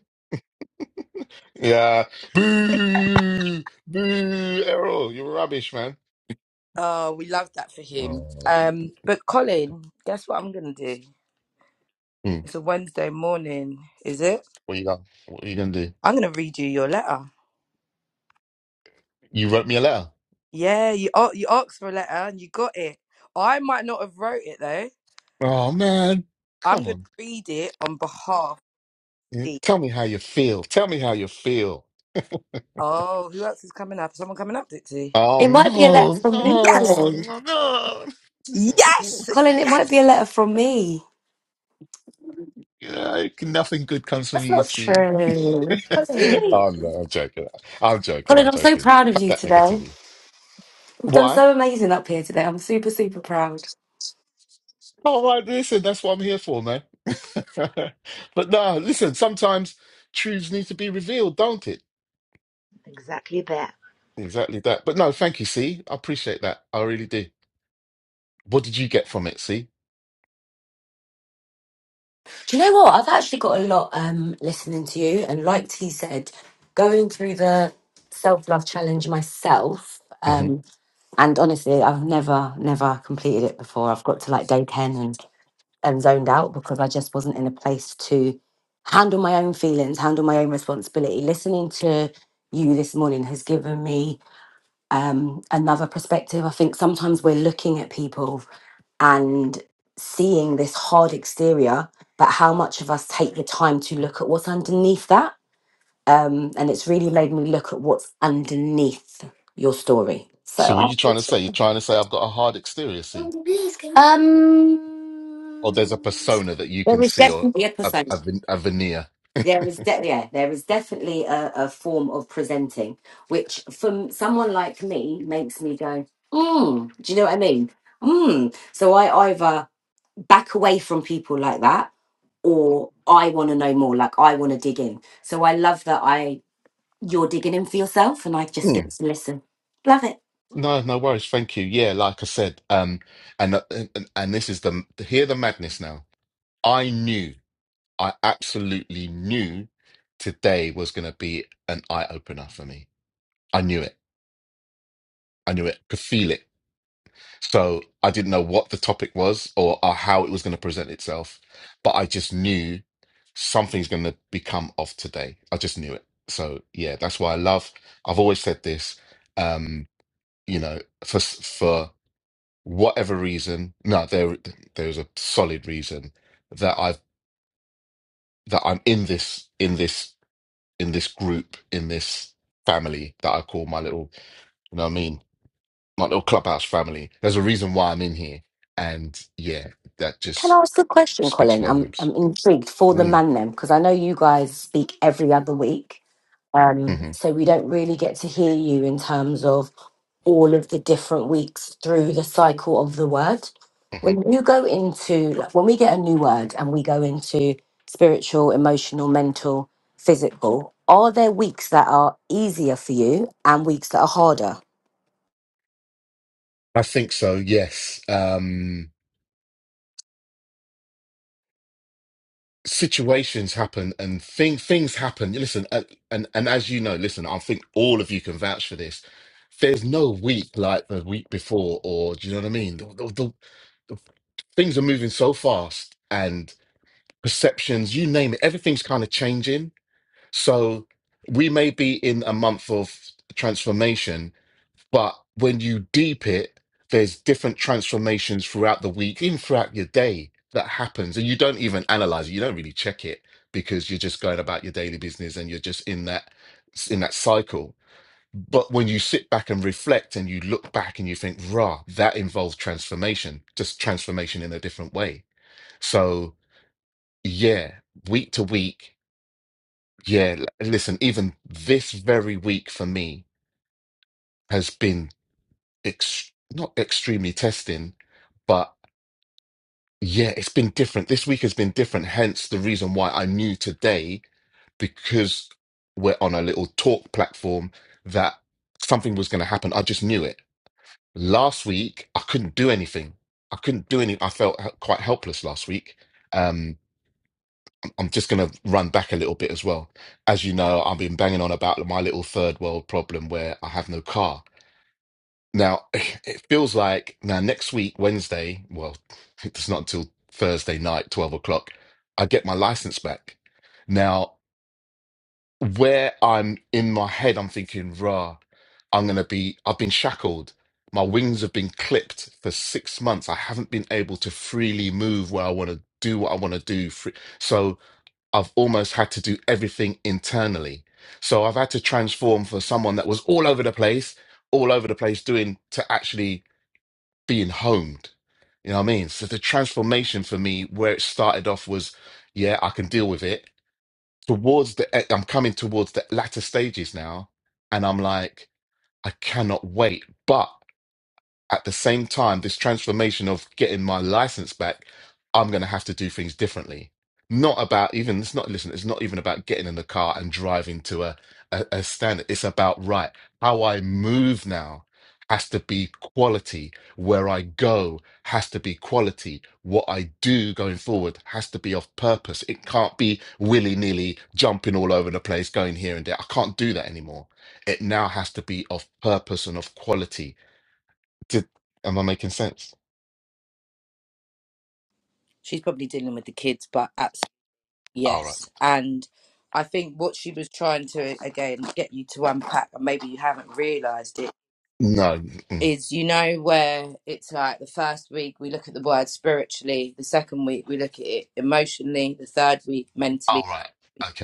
[SPEAKER 2] Yeah. Boo! Boo! Errol, you're rubbish, man.
[SPEAKER 3] Oh, we love that for him.
[SPEAKER 2] Oh.
[SPEAKER 3] Um, But Colin, guess what I'm going to do?
[SPEAKER 2] Hmm.
[SPEAKER 3] It's a Wednesday morning, is it?
[SPEAKER 2] What you got? What are you gonna do?
[SPEAKER 3] I'm going to read you your letter.
[SPEAKER 2] You wrote me a letter.
[SPEAKER 3] Yeah, you, a- you asked for a letter and you got it. I might not have wrote it, though.
[SPEAKER 2] Oh man.
[SPEAKER 3] I'm
[SPEAKER 2] Come
[SPEAKER 3] going to
[SPEAKER 2] on.
[SPEAKER 3] read it on behalf of
[SPEAKER 2] Yeah.
[SPEAKER 3] the...
[SPEAKER 2] Tell me how you feel. Tell me how you feel.
[SPEAKER 3] Oh, who else is coming up? Someone coming up, Dixie?
[SPEAKER 2] Oh
[SPEAKER 4] It might be a
[SPEAKER 2] no,
[SPEAKER 4] letter
[SPEAKER 2] *laughs*
[SPEAKER 4] from me,
[SPEAKER 3] Yes.
[SPEAKER 4] Colin.
[SPEAKER 2] no, no, no.
[SPEAKER 3] Yes.
[SPEAKER 4] Colin, it might be a letter
[SPEAKER 3] Yes.
[SPEAKER 4] from me.
[SPEAKER 2] *laughs* yeah, nothing good comes from
[SPEAKER 4] That's
[SPEAKER 2] you,
[SPEAKER 4] not
[SPEAKER 2] see.
[SPEAKER 4] true.
[SPEAKER 2] *laughs*
[SPEAKER 4] Colin.
[SPEAKER 1] Really?
[SPEAKER 2] oh no, I'm joking. I'm joking,
[SPEAKER 4] Colin,
[SPEAKER 2] I'm
[SPEAKER 4] I'm so
[SPEAKER 2] joking.
[SPEAKER 4] proud of
[SPEAKER 2] Cut
[SPEAKER 4] you
[SPEAKER 2] that
[SPEAKER 4] today.
[SPEAKER 2] negativity.
[SPEAKER 4] You've done
[SPEAKER 2] Why?
[SPEAKER 4] so amazing up here today. I'm super, super proud.
[SPEAKER 2] All right, listen, that's what I'm here for, man. *laughs* but no, listen, sometimes truths need to be revealed, don't it?
[SPEAKER 1] Exactly that.
[SPEAKER 2] Exactly that. But no, thank you, see. I appreciate that. I really do. What did you get from it, see?
[SPEAKER 4] Do you know what? I've actually got a lot um listening to you and like T said, going through the self-love challenge myself.
[SPEAKER 2] hmm
[SPEAKER 4] Um, and honestly, I've never, never completed it before. I've got to like day 10 and zoned out because I just wasn't in a place to handle my own feelings, handle my own responsibility. Listening to you this morning has given me um, another perspective. I think sometimes we're looking at people and seeing this hard exterior, but how much of us take the time to look at what's underneath that? Um, and it's really made me look at what's underneath your story. So,
[SPEAKER 2] So what are you
[SPEAKER 4] I-
[SPEAKER 2] trying to say? You're trying to say I've got a hard exterior, see?
[SPEAKER 4] um,
[SPEAKER 2] Or there's a persona that you
[SPEAKER 4] there
[SPEAKER 2] can
[SPEAKER 4] was
[SPEAKER 2] see or
[SPEAKER 4] definitely a
[SPEAKER 2] a,
[SPEAKER 4] percent.
[SPEAKER 2] a, ven- a veneer. *laughs*
[SPEAKER 4] There is de- yeah, there is definitely a, a form of presenting, which from someone like me makes me go, mm, do you know what I mean? Mm. So I either back away from people like that or I want to know more, like I want to dig in. So I love that I you're digging in for yourself and I just
[SPEAKER 2] Hmm.
[SPEAKER 4] get to listen. Love it.
[SPEAKER 2] No, no worries. Thank you. Yeah, like I said, um, and uh, and, and this is the hear the madness now. I knew, I absolutely knew, today was going to be an eye opener for me. I knew it. I knew it. Could feel it. So I didn't know what the topic was or, or how it was going to present itself, but I just knew something's going to become of today. I just knew it. So yeah, that's why I love. I've always said this. Um, you know, for for whatever reason, no, there there's a solid reason that I've that I'm in this in this in this group in this family that I call my little, you know what I mean, my little clubhouse family. There's a reason why I'm in here, and yeah, that
[SPEAKER 4] Can I
[SPEAKER 2] just
[SPEAKER 4] ask the question,
[SPEAKER 2] speaks
[SPEAKER 4] Colin? I'm
[SPEAKER 2] volumes.
[SPEAKER 4] I'm intrigued for the
[SPEAKER 2] Mm,
[SPEAKER 4] man them because I know you guys speak every other week, um,
[SPEAKER 2] mhm,
[SPEAKER 4] so we don't really get to hear you in terms of all of the different weeks through the cycle of the word.
[SPEAKER 2] mhm.
[SPEAKER 4] When you go into like, when we get a new word and we go into spiritual, emotional, mental, physical, are there weeks that are easier for you and weeks that are harder?
[SPEAKER 2] I think so. Yes. Um, situations happen and thing things happen. Listen, uh, and and as you know, listen, I think all of you can vouch for this. There's no week like the week before, or do you know what I mean? The, the, the, the things are moving so fast, and perceptions, you name it, everything's kind of changing. So we may be in a month of transformation, but when you deep it, there's different transformations throughout the week, even throughout your day that happens. And you don't even analyze it. You don't really check it because you're just going about your daily business and you're just in that in that cycle. But when you sit back and reflect and you look back and you think, rah, that involved transformation, just transformation in a different way. So yeah, week to week, yeah, l- listen, even this very week for me has been ex- not extremely testing, but yeah, it's been different. This week has been different. Hence the reason why I knew today, because we're on a little talk platform, that something was going to happen. I just knew it. Last week, I couldn't do anything. I couldn't do any. I felt h- quite helpless last week. Um, I'm I'm just going to run back a little bit as well. As you know, I've been banging on about my little third world problem where I have no car Now, *laughs* it feels like now next week, Wednesday, well, *laughs* it's not until Thursday night, 12 o'clock, I get my license back. Now, where I'm in my head, I'm thinking, rah, I'm going to be, I've been shackled. My wings have been clipped for six months. I haven't been able to freely move where I want to do what I want to do. fr- So I've almost had to do everything internally. So I've had to transform for someone that was all over the place, all over the place doing to actually being homed. You know what I mean? So the transformation for me, where it started off was, yeah, I can deal with it. Towards the, eh, I'm coming towards the latter stages now, and I'm like, I cannot wait. But at the same time, this transformation of getting my license back, I'm going to have to do things differently. Not about even, it's not, listen, it's not even about getting in the car and driving to a, a, a standard. It's about, right, how I move now has to be quality. Where I go has to be quality. What I do going forward has to be of purpose. It can't be willy nilly jumping all over the place, going here and there. I can't do that anymore. It now has to be of purpose and of quality did, am I making sense?
[SPEAKER 3] She's probably dealing with the kids, but absolutely
[SPEAKER 2] All right.
[SPEAKER 3] yes. And I think what she was trying to again get you to unpack, and maybe you haven't realised it,
[SPEAKER 2] No. mm.
[SPEAKER 3] is you know where it's like the first week we look at the word spiritually, the second week we look at it emotionally, the third week mentally.
[SPEAKER 2] All right.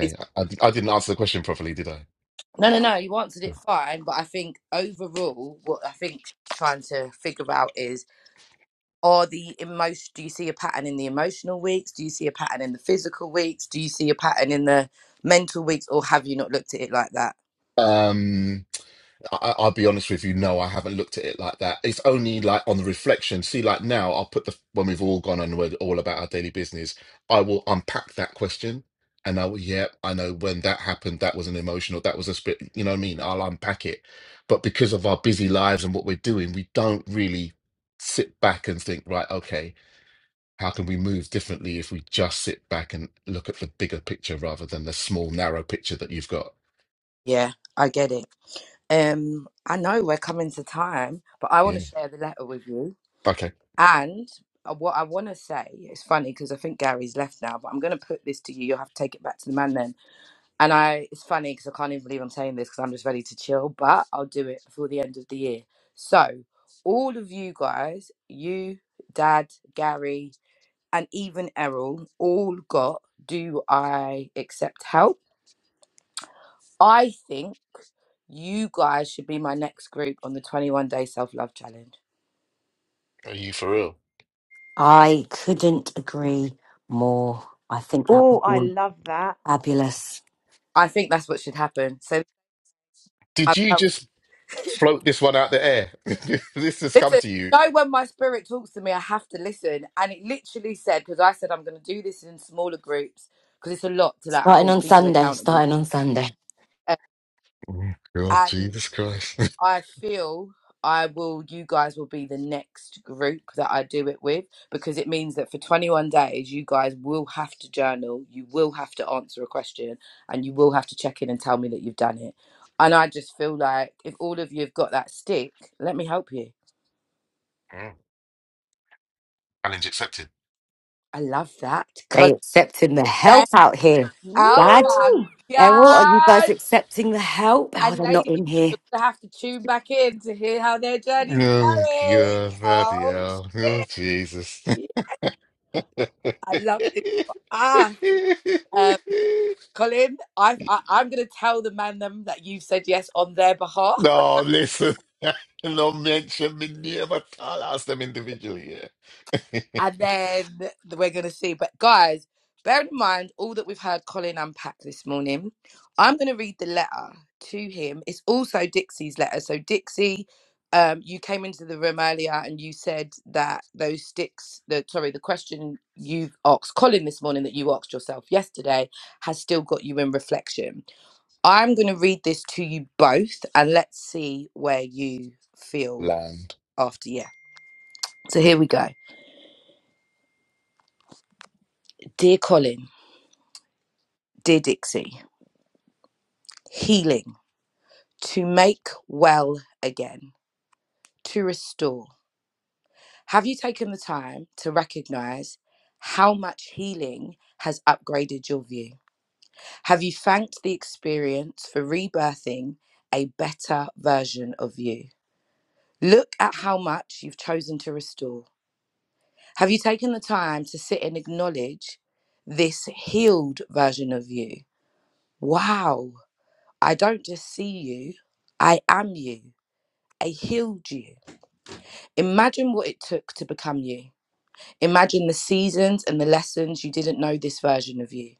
[SPEAKER 3] It's-
[SPEAKER 2] I, I I didn't answer the question properly, did I?
[SPEAKER 3] No, no, no. You answered it fine, but I think overall, what I think she's trying to figure out is are the emotion do you see a pattern in the emotional weeks do you see a pattern in the physical weeks do you see a pattern in the mental weeks or have you not looked at it like that
[SPEAKER 2] Um, I, I'll be honest with you. No, I haven't looked at it like that. It's only like on the reflection. See, like now, I'll put the when we've all gone and we're all about our daily business. I will unpack that question, and I will. Yeah, I know when that happened. That was an emotional. That was a spirit. You know what I mean? I'll unpack it. But because of our busy lives and what we're doing, we don't really sit back and think. Right. Okay. How can we move differently if we just sit back and look at the bigger picture rather than the small, narrow picture that you've got?
[SPEAKER 3] yeah i get it um i know we're coming to time but i want to
[SPEAKER 2] Yeah.
[SPEAKER 3] share the letter with you
[SPEAKER 2] Okay.
[SPEAKER 3] and uh, what i want to say it's funny because i think gary's left now but i'm going to put this to you you'll have to take it back to the man then. And I, it's funny because I can't even believe I'm saying this because I'm just ready to chill, but I'll do it before the end of the year. So, all of you guys, you, Dad, Gary, and even Errol, all got Do I Accept Help? I think you guys should be my next group on the 21 Day Self Love Challenge.
[SPEAKER 2] Are you for real?
[SPEAKER 4] I couldn't agree more. I think that
[SPEAKER 1] Oh,
[SPEAKER 4] would
[SPEAKER 1] I
[SPEAKER 4] be
[SPEAKER 1] love that.
[SPEAKER 4] fabulous.
[SPEAKER 3] I think that's what should happen. So,
[SPEAKER 2] Did
[SPEAKER 3] I've
[SPEAKER 2] you
[SPEAKER 3] helped.
[SPEAKER 2] just float this one out the air? *laughs* this has come
[SPEAKER 3] Listen,
[SPEAKER 2] to you.
[SPEAKER 3] you know when my spirit talks to me, I have to listen. And it literally said, because I said I'm going to do this in smaller groups, because it's a lot to like
[SPEAKER 4] Starting
[SPEAKER 3] hold
[SPEAKER 4] on
[SPEAKER 3] people
[SPEAKER 4] Sunday,
[SPEAKER 3] accountable.
[SPEAKER 4] starting on Sunday.
[SPEAKER 3] Uh,
[SPEAKER 2] Oh, God,
[SPEAKER 3] And
[SPEAKER 2] Jesus Christ. *laughs*
[SPEAKER 3] I feel I will, you guys will be the next group that I do it with, because it means that for 21 days, you guys will have to journal, you will have to answer a question, and you will have to check in and tell me that you've done it. And I just feel like if all of you have got that stick, let me help you.
[SPEAKER 2] Mm, Challenge accepted.
[SPEAKER 3] I love
[SPEAKER 4] They
[SPEAKER 3] that.
[SPEAKER 4] accepting the
[SPEAKER 3] *laughs*
[SPEAKER 4] help out here.
[SPEAKER 3] Oh
[SPEAKER 4] Dad,
[SPEAKER 3] my
[SPEAKER 1] Woo!
[SPEAKER 4] Errol, are you guys
[SPEAKER 3] god!
[SPEAKER 4] accepting the help? Oh,
[SPEAKER 3] And
[SPEAKER 4] they're not
[SPEAKER 3] ladies,
[SPEAKER 4] in here.
[SPEAKER 3] you're gonna have to tune back in to hear how their journey's
[SPEAKER 2] Oh,
[SPEAKER 3] going.
[SPEAKER 2] God, bloody
[SPEAKER 3] Oh
[SPEAKER 2] hell. Oh,
[SPEAKER 3] shit!
[SPEAKER 2] Jesus.
[SPEAKER 3] Yeah,
[SPEAKER 2] *laughs*
[SPEAKER 3] I love this for us. Um, Colin, I, I, I'm gonna tell the man them that you've said yes on their behalf.
[SPEAKER 2] no, listen. *laughs* No mention me name at all. Ask them individually. Yeah. *laughs*
[SPEAKER 3] and then we're gonna see. But guys, bear in mind all that we've heard Colin unpack this morning. I'm gonna read the letter to him. It's also Dixie's letter. So Dixie, um, you came into the room earlier and you said that those sticks, the sorry, the question you've asked Colin this morning that you asked yourself yesterday has still got you in reflection. I'm gonna read this to you both and let's see where you feel
[SPEAKER 2] land.
[SPEAKER 3] after yeah. So here we go. Dear Colin, dear Dixie. healing, to make well again, to restore. Have you taken the time to recognize how much healing has upgraded your view? Have you thanked the experience for rebirthing a better version of you? Look at how much you've chosen to restore. Have you taken the time to sit and acknowledge this healed version of you? Wow, I don't just see you, I am you. I healed you. Imagine what it took to become you. Imagine the seasons and the lessons you didn't know this version of you.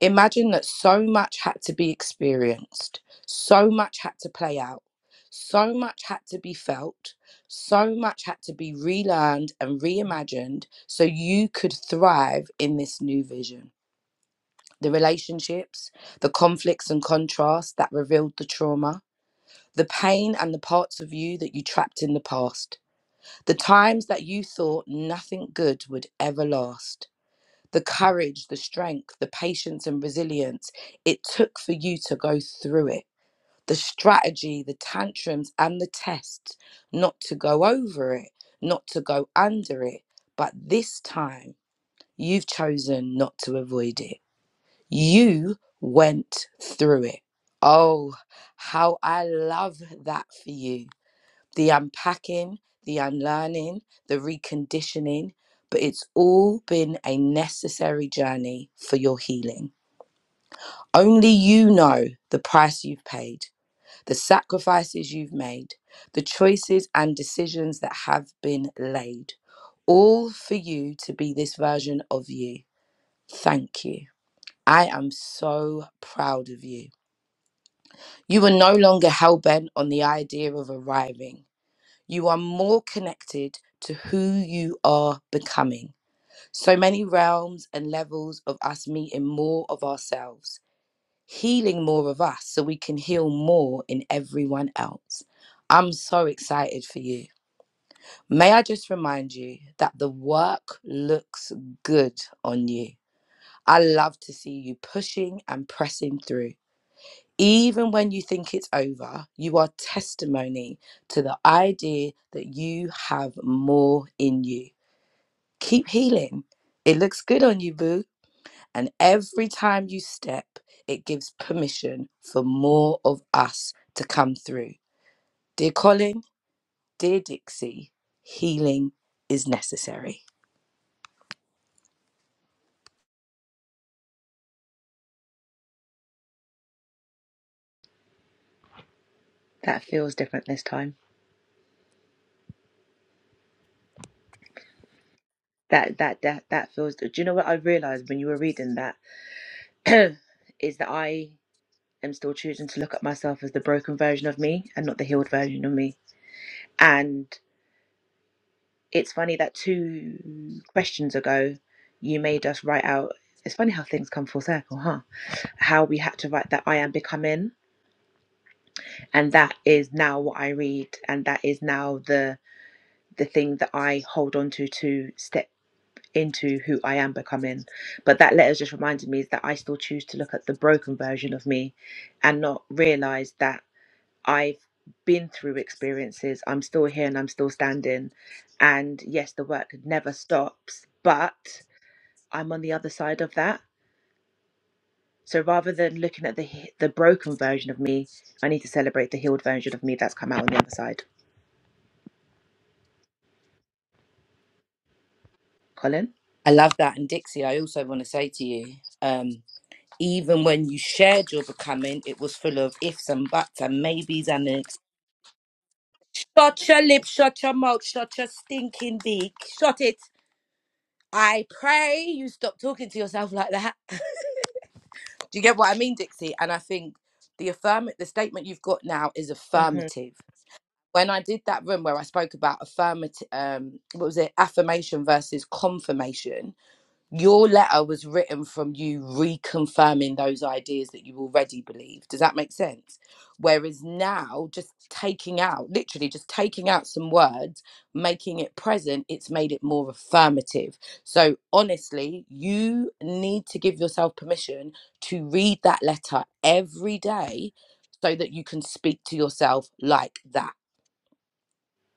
[SPEAKER 3] Imagine that so much had to be experienced, so much had to play out, so much had to be felt, so much had to be relearned and reimagined so you could thrive in this new vision. The relationships, the conflicts and contrasts that revealed the trauma, the pain and the parts of you that you trapped in the past the times that you thought nothing good would ever last, the courage, the strength, the patience, and resilience it took for you to go through it, the strategy, the tantrums, and the tests not to go over it, not to go under it. But this time, you've chosen not to avoid it. You went through it. Oh, how I love that for you the unpacking, the unlearning, the reconditioning, but it's all been a necessary journey for your healing. Only you know the price you've paid, the sacrifices you've made, the choices and decisions that have been laid, all for you to be this version of you. Thank you. I am so proud of you. You are no longer hell bent on the idea of arriving. You are more connected to who you are becoming. So many realms and levels of us meeting more of ourselves, healing more of us so we can heal more in everyone else. I'm so excited for you. May I just remind you that the work looks good on you. I love to see you pushing and pressing through even when you think it's over, you are testimony to the idea that you have more in you. Keep healing. It looks good on you, boo. And every time you step, it gives permission for more of us to come through. Dear Colin, dear Dixie, healing is necessary.
[SPEAKER 1] That feels different this time. That that that that feels. Do you know what I realized when you were reading that *clears throat* is that I am still choosing to look at myself as the broken version of me and not the healed version of me. And it's funny that two questions ago, you made us write out. It's funny how things come full circle, huh? How we had to write that I am becoming, and that is now what I read, and that is now the the thing that I hold on to to step into who I am becoming. But that letter just reminded me is that I still choose to look at the broken version of me, and not realize that I've been through experiences. I'm still here and I'm still standing. And yes, the work never stops, but I'm on the other side of that. So rather than looking at the he- the broken version of me, I need to celebrate the healed version of me that's come out on the other side. Colin,
[SPEAKER 3] I love that. And Dixie, I also want to say to you, um, even when you shared your becoming, it was full of ifs and buts and maybes and an Shut your lip, shut your mouth, shut your stinking beak. Shut it. I pray you stop talking to yourself like that. Do you get what I mean, Dixie? And I think the affirm the statement you've got now is
[SPEAKER 1] hmm
[SPEAKER 3] affirmative. When I did that room where I spoke about affirmative, um, what was it? Affirmation versus confirmation your letter was written from you reconfirming those ideas that you already believe. Does that make sense? Whereas now, just taking out, literally just taking out some words, making it present, it's made it more affirmative. So, honestly, you need to give yourself permission to read that letter every day so that you can speak to yourself like that.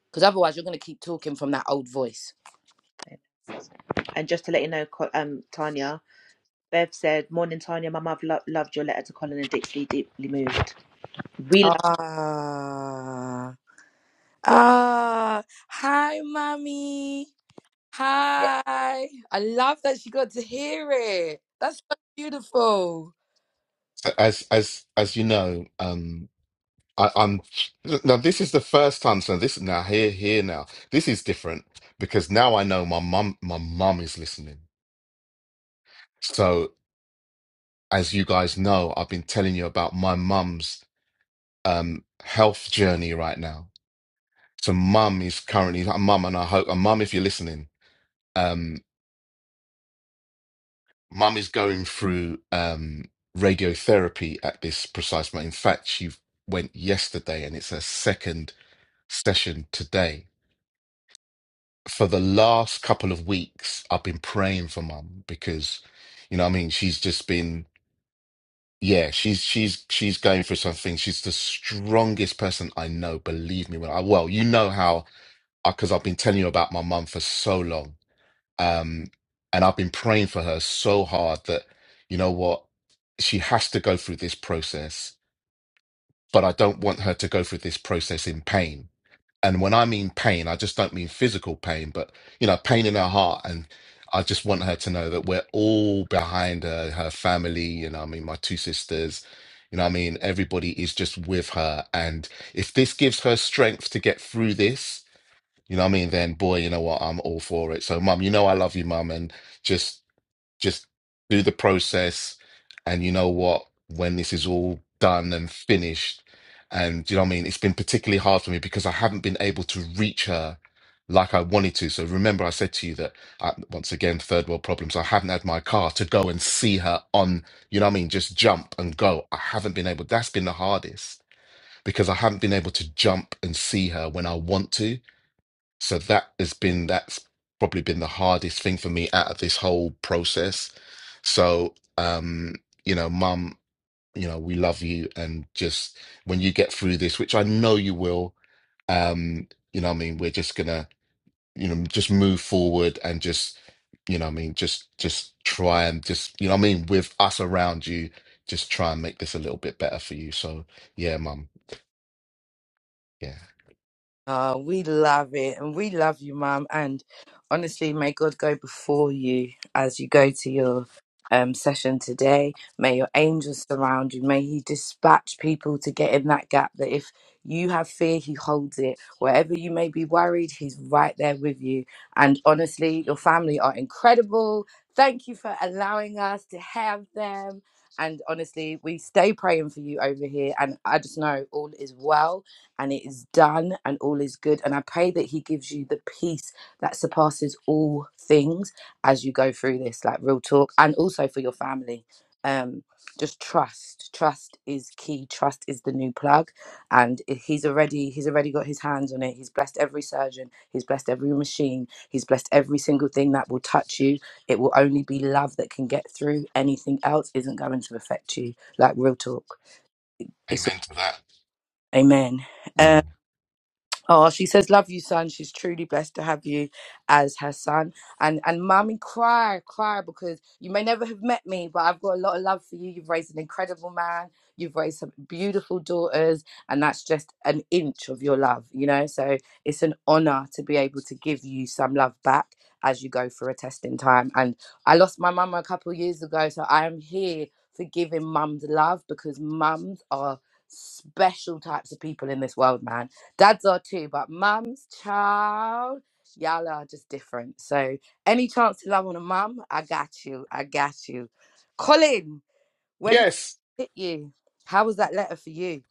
[SPEAKER 3] Because otherwise, you're going to keep talking from that old voice.
[SPEAKER 1] and just to let you know, Co- um, Tanya, Bev said, "Morning, Tanya. My mother lo- loved your letter to Colin and Dixie. Deeply moved. We love.
[SPEAKER 3] Ah, Ah, hi, mommy.
[SPEAKER 2] Yeah,
[SPEAKER 3] Hi. I love that she got to hear it. That's so beautiful.
[SPEAKER 2] So As as as you know, um, I, I'm now. This is the first time. So this now here here now. This is different because now I know my mum my mum is listening. So as you guys know, I've been telling you about my mum's um health journey right now. So mum is currently uh, mum, and I hope and mum, if you're listening, um, mum is going through um radiotherapy at this precise moment. In fact, she went yesterday, and it's her second session today. For the last couple of weeks, I've been praying for mum because, you know, what I mean, she's just been, yeah, she's she's she's going through something. She's the strongest person I know. Believe me, when I well, you know how because I've been telling you about my mum for so long, um, and I've been praying for her so hard that, you know what, she has to go through this process, but I don't want her to go through this process in pain And when I mean pain, I just don't mean physical pain, but you know, pain in her heart. And I just want her to know that we're all behind her, her family, you know, what I mean, my two sisters, you know, what I mean, everybody is just with her. And if this gives her strength to get through this, you know, what I mean, then boy, you know what, I'm all for it. So, mum, you know, I love you, mum, and just just do the process and you know what when this is all done and finished and do you know what i mean it's been particularly hard for me because i haven't been able to reach her like i wanted to so remember i said to you that I, once again third world problems i haven't had my car to go and see her on you know what i mean just jump and go i haven't been able that's been the hardest because i haven't been able to jump and see her when i want to so that has been that's probably been the hardest thing for me out of this whole process so, um, you know, mum, you know, we love you. And just when you get through this, which I know you will, um, you know, what I mean, we're just gonna, you know, just move forward and just, you know, what I mean, just, just try and just, you know, what I mean, with us around you, just try and make this a little bit better for you. So, yeah, mum, yeah,
[SPEAKER 3] Oh, we love it. And we love you, Mum. And honestly, may God go before you as you go to your um, session today. May your angels surround you. May He dispatch people to get in that gap that if you have fear, He holds it. Wherever you may be worried, He's right there with you. And honestly, your family are incredible. Thank you for allowing us to have them. And honestly, we stay praying for you over here. And I just know all is well and it is done and all is good. And I pray that He gives you the peace that surpasses all things as you go through this, like real talk, and also for your family. Um, just trust. Trust is key. Trust is the new plug, and i- he's already he's already got his hands on it. He's blessed every surgeon. He's blessed every machine. He's blessed every single thing that will touch you. It will only be love that can get through. Anything else isn't going to affect you. Like real talk. It's all,
[SPEAKER 2] amen to that.
[SPEAKER 3] amen. Um,
[SPEAKER 2] Mm.
[SPEAKER 3] Oh, she says, "Love you, son." She's truly blessed to have you as her son, and and mommy, cry, cry because you may never have met me, but I've got a lot of love for you. You've raised an incredible man. You've raised some beautiful daughters, and that's just an inch of your love, you know. So it's an honor to be able to give you some love back as you go through a testing time. And I lost my mum a couple of years ago, so I am here for giving mums love because mums are special types of people in this world, man dads are too, but mums, child, y'all are just different. So any chance to love on a mum, I got you. I got you. Colin, where did that
[SPEAKER 2] Yes,
[SPEAKER 3] hit you? How was that letter for you?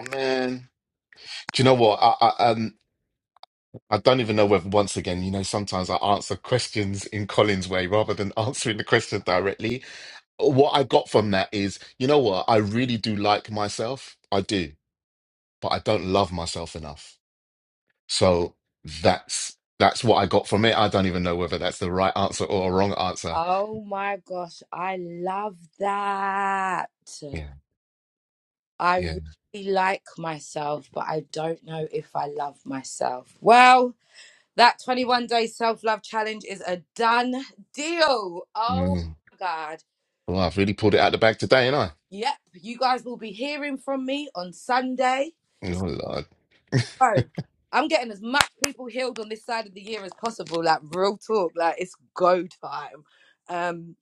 [SPEAKER 2] Oh, man. Do you know what? I, I um. I don't even know whether once again, you know, sometimes I answer questions in Colin's way rather than *laughs* answering the question directly. What I got from that is, you know what, I really do like myself. I do, but I don't love myself enough. So that's that's what I got from it. I don't even know whether that's the right answer or a wrong answer.
[SPEAKER 3] Oh my gosh, I love that.
[SPEAKER 2] Yeah,
[SPEAKER 3] I
[SPEAKER 2] yeah.
[SPEAKER 3] really like myself, but I don't know if I love myself. Well, that 21 day self love challenge is a done deal. Oh
[SPEAKER 2] Mm.
[SPEAKER 3] my God.
[SPEAKER 2] Well, I've really pulled it out the bag today, ain't I?
[SPEAKER 3] Yep, you guys will be hearing from me on Sunday.
[SPEAKER 2] Oh
[SPEAKER 3] It's
[SPEAKER 2] Lord.
[SPEAKER 3] go. I'm getting as much people healed on this side of the year as possible. Like real talk, like it's go time. Um,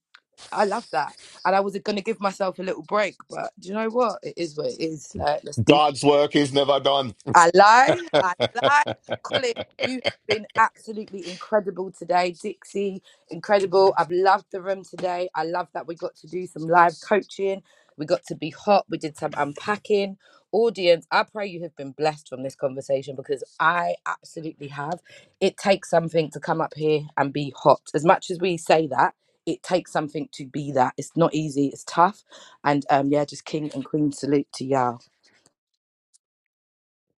[SPEAKER 3] I love that, and I was gonna give myself a little break, but do you know what? It is what it is. Like let's do
[SPEAKER 2] God's work is never done.
[SPEAKER 3] I lie, I lie. Colin,
[SPEAKER 2] *laughs*
[SPEAKER 3] you've been absolutely incredible today. Dixie, incredible. I've loved the room today. I love that we got to do some live coaching. We got to be hot. We did some unpacking. Audience, I pray you have been blessed from this conversation because I absolutely have. It takes something to come up here and be hot. As much as we say that, it takes something to be that. It's not easy, it's tough. And um, yeah, just king and queen salute to y'all.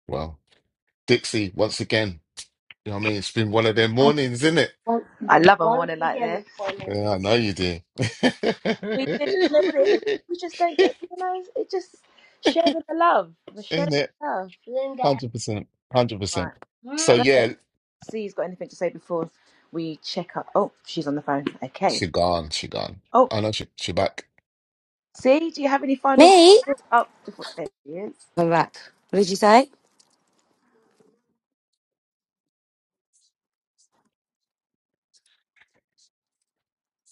[SPEAKER 2] well, Dixie, once again. You know what I mean? It's been one of them mornings, isn't it?
[SPEAKER 1] I love a Why morning we like get this. it
[SPEAKER 2] Yeah, I know you do.
[SPEAKER 1] We do. You know what it is?
[SPEAKER 2] *laughs*
[SPEAKER 1] We just don't get. You know, it just sharing the love. We're sharing
[SPEAKER 2] Isn't it?
[SPEAKER 1] the love.
[SPEAKER 2] Hundred percent, hundred percent.
[SPEAKER 1] Right. I
[SPEAKER 2] So
[SPEAKER 1] don't know if
[SPEAKER 2] yeah,
[SPEAKER 1] C's got anything to say before we check up. Oh, she's on the phone. Okay.
[SPEAKER 2] she gone, she gone.
[SPEAKER 1] Oh,
[SPEAKER 2] I know she she back.
[SPEAKER 1] C, do you have any final?
[SPEAKER 4] Me?
[SPEAKER 1] words? Oh, before there she is.
[SPEAKER 4] Come back. What did you say?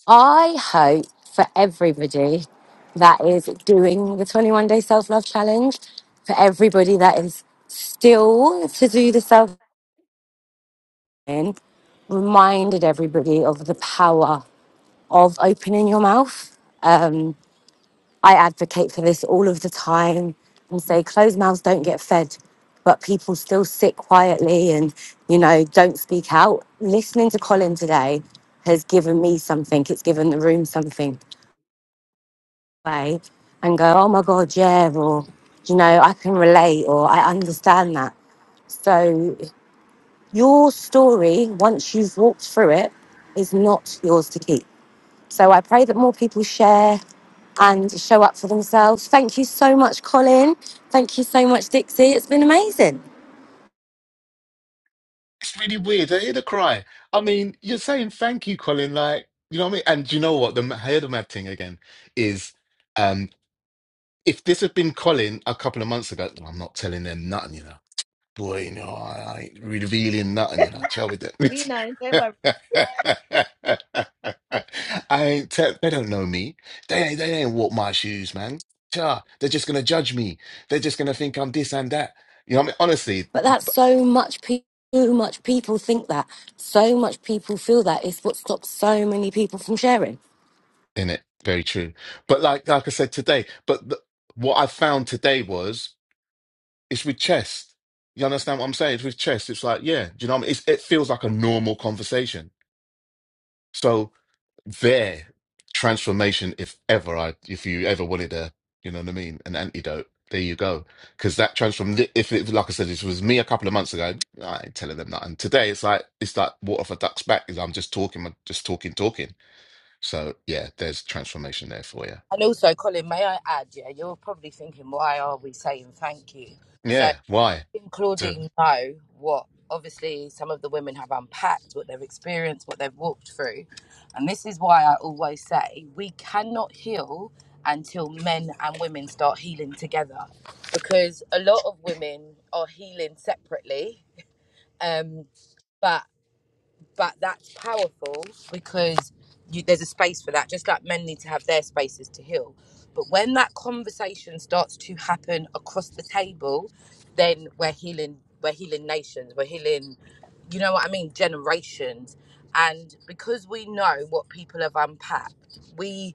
[SPEAKER 4] I hope for everybody that is doing the 21 day self love challenge, for everybody that is still to do the self in, reminded everybody of the power of opening your mouth. Um, I advocate for this all of the time and say closed mouths don't get fed, but people still sit quietly and, you know, don't speak out. Listening to Colin today has given me something. It's given the room something away and go, oh my God, yeah, or, you know, I can relate or I understand that. So your story, once you've walked through it, is not yours to keep so I pray that more people share and show up for themselves. Thank you so much, Colin. Thank you so much, Dixie. It's been amazing.
[SPEAKER 2] It's really weird. I hear the cry. I mean, you're saying thank you, Colin. Like, you know what I mean? And do you know what? The I hear the mad thing again is, um, if this had been Colin a couple of months ago, "Well, I'm not telling them nothing, you know. Boy, you know, I, ain't revealing nothing, you know. Chill with
[SPEAKER 1] We
[SPEAKER 2] it.
[SPEAKER 1] know. Don't worry.
[SPEAKER 2] *laughs* I ain't te- they don't know me. They ain't they ain't walk my shoes, man. Cha, they're just gonna judge me. They're just gonna think I'm this and that. You know, what I mean, honestly,
[SPEAKER 4] But that's so much people. So much people think that. So much people feel that. It's what stops so many people from sharing.
[SPEAKER 2] in it, very true. But like like I said today, but the, what I found today was it's with chest. You understand what I'm saying? It's with chest. It's like, yeah, do you know what I mean? It's, it feels like a normal conversation. So. their transformation if ever I if you ever wanted a you know what I mean an antidote there you go because that transform if it like I said if it was me a couple of months ago I ain't telling them nothing today it's like it's like water for ducks back is I'm just talking I'm just talking talking so yeah there's transformation there for you
[SPEAKER 3] And also, Colin, may I add, yeah, you're probably thinking, why are we saying thank you? So, I
[SPEAKER 2] yeah why
[SPEAKER 3] think
[SPEAKER 2] to
[SPEAKER 3] Claudine know what, obviously, some of the women have unpacked, what they've experienced, what they've walked through. And this is why I always say we cannot heal until men and women start healing together. Because a lot of women are healing separately. Um, but but that's powerful because you, there's a space for that just like men need to have their spaces to heal but when that conversation starts to happen across the table then we're healing we're healing nations we're healing you know what i mean generations and because we know what people have unpacked we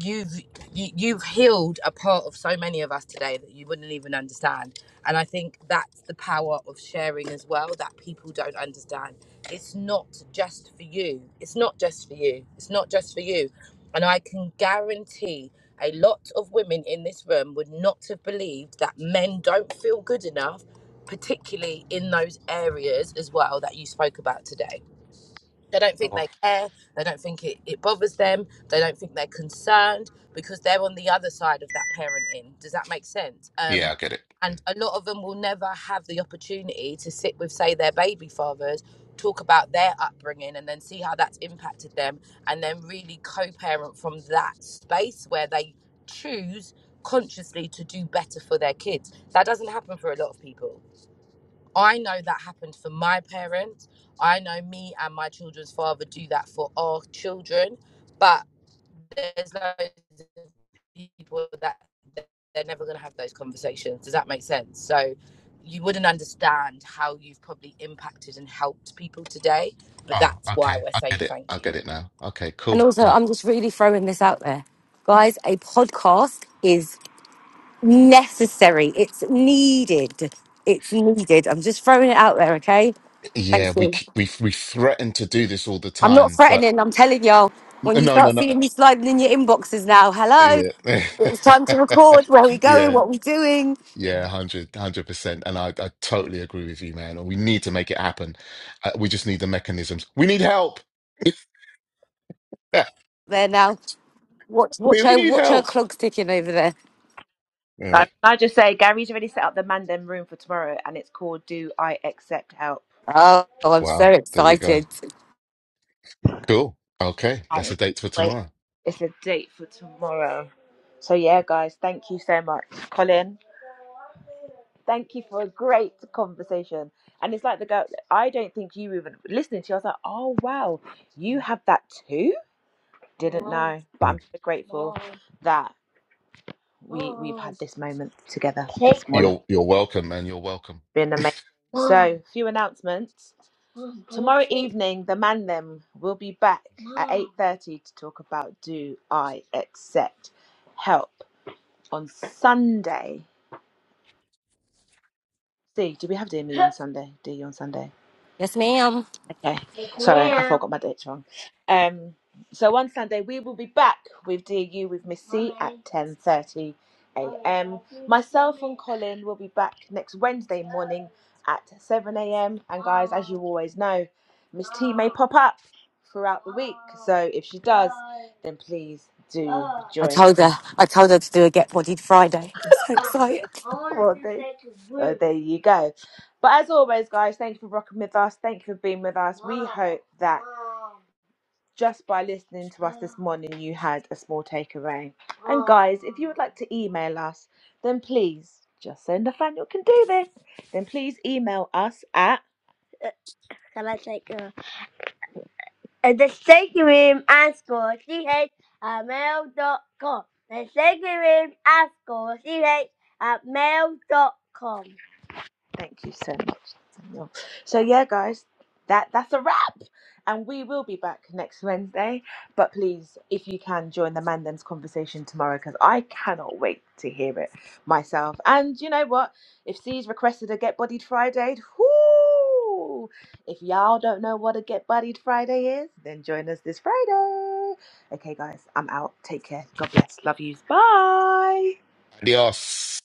[SPEAKER 3] you've you, you've healed a part of so many of us today that you wouldn't even understand and i think that's the power of sharing as well that people don't understand it's not just for you it's not just for you it's not just for you and i can guarantee a lot of women in this room would not have believed that men don't feel good enough particularly in those areas as well that you spoke about today they don't think
[SPEAKER 2] oh,
[SPEAKER 3] they care. They don't think it, it bothers them. They don't think they're concerned because they're on the other side of that parenting. Does that make sense? Um,
[SPEAKER 2] yeah I get it
[SPEAKER 3] and a lot of them will never have the opportunity to sit with, say, their baby fathers, talk about their upbringing, and then see how that's impacted them, and then really co parent from that space where they choose consciously to do better for their kids. That doesn't happen for a lot of people. I know that happened for my parents. I know me and my children's father do that for our children, but there's loads of people that that they're never going to have those conversations. Does that make sense? So you wouldn't understand how you've probably impacted and helped people today, but
[SPEAKER 2] oh
[SPEAKER 3] that's why
[SPEAKER 2] okay
[SPEAKER 3] we're
[SPEAKER 2] I
[SPEAKER 3] saying
[SPEAKER 2] get it
[SPEAKER 3] thank
[SPEAKER 2] I
[SPEAKER 3] you.
[SPEAKER 2] get it now okay cool
[SPEAKER 4] And also,
[SPEAKER 2] well
[SPEAKER 4] I'm just really throwing this out there. Guys, a podcast is necessary. It's needed. It's needed. I'm just throwing it out there, okay?
[SPEAKER 2] yeah
[SPEAKER 4] Thank
[SPEAKER 2] we
[SPEAKER 4] you.
[SPEAKER 2] we we threaten to do this all the
[SPEAKER 4] I'm not
[SPEAKER 2] time but
[SPEAKER 4] threatening, I'm telling y'all. When you
[SPEAKER 2] no no
[SPEAKER 4] start
[SPEAKER 2] no
[SPEAKER 4] seeing me sliding in your inboxes now, hello, it
[SPEAKER 2] Yeah. *laughs*
[SPEAKER 4] was time to record. Where are we going?
[SPEAKER 2] Yeah.
[SPEAKER 4] What are we doing?
[SPEAKER 2] Yeah, 100, percent And I, I totally agree with you, man. And we need to make it happen. Uh, we just need the mechanisms. We need help. *laughs*
[SPEAKER 4] There now. Watch,
[SPEAKER 2] We
[SPEAKER 4] watch
[SPEAKER 2] we
[SPEAKER 4] her,
[SPEAKER 2] need
[SPEAKER 4] watch her
[SPEAKER 2] help.
[SPEAKER 4] clogs ticking over there.
[SPEAKER 2] Damn
[SPEAKER 1] Can
[SPEAKER 2] it.
[SPEAKER 1] I just say, Gary's already set up the Mandem room for tomorrow, and it's called "Do I Accept Help."
[SPEAKER 4] Oh, I'm so
[SPEAKER 2] Wow. There you go.
[SPEAKER 4] excited.
[SPEAKER 2] Cool. Okay. That's
[SPEAKER 1] Oh,
[SPEAKER 2] the date for
[SPEAKER 1] wait,
[SPEAKER 2] tomorrow.
[SPEAKER 1] it's a date for tomorrow. So yeah, guys, thank you so much, Colin. Thank you for a great conversation. And it's like the girl. I don't think you even listening to. You, I was like, oh wow, you have that too. Didn't know, but
[SPEAKER 2] Mm.
[SPEAKER 1] I'm so grateful that we we've had this moment together this morning.
[SPEAKER 2] You're, you're welcome, man. You're welcome.
[SPEAKER 1] Been amazing. So, a few announcements. Tomorrow evening, the man them will be back at 8.30 to talk about Do I Accept Help on Sunday. See, do we have Dear Me on Sunday? Dear You on Sunday?
[SPEAKER 4] Yes, ma'am.
[SPEAKER 1] Okay. Sorry, I forgot my dates wrong. Um, so on Sunday we will be back with DU with Miss C at ten thirty a.m. Myself and Colin will be back next Wednesday morning at seven a.m. And guys, as you always know, Miss T may pop up throughout the week. So if she does, then please do
[SPEAKER 4] I
[SPEAKER 1] join.
[SPEAKER 4] told her, I told her to do a get bodied Friday. I'm so excited.
[SPEAKER 1] Well, there, well, there you go. But as always, guys, thank you for rocking with us. Thank you for being with us. We hope that just by listening to us this morning, you had a small takeaway. And guys, if you would like to email us, then please, just so Nathaniel can do this, then please email us at can I take a the shaking room and score ch at mail dot com. The shaking room and score ch at mail dot com. Thank you so much. So yeah, guys, that that's a wrap. And we will be back next Wednesday. But please, if you can, join the Mandem's conversation tomorrow because I cannot wait to hear it myself. And you know what? If C's requested a Get Bodied Friday, whoo! If y'all don't know what a Get Bodied Friday is, then join us this Friday. Okay, guys, I'm out. Take care. God bless. Love yous. Bye.
[SPEAKER 2] Adios.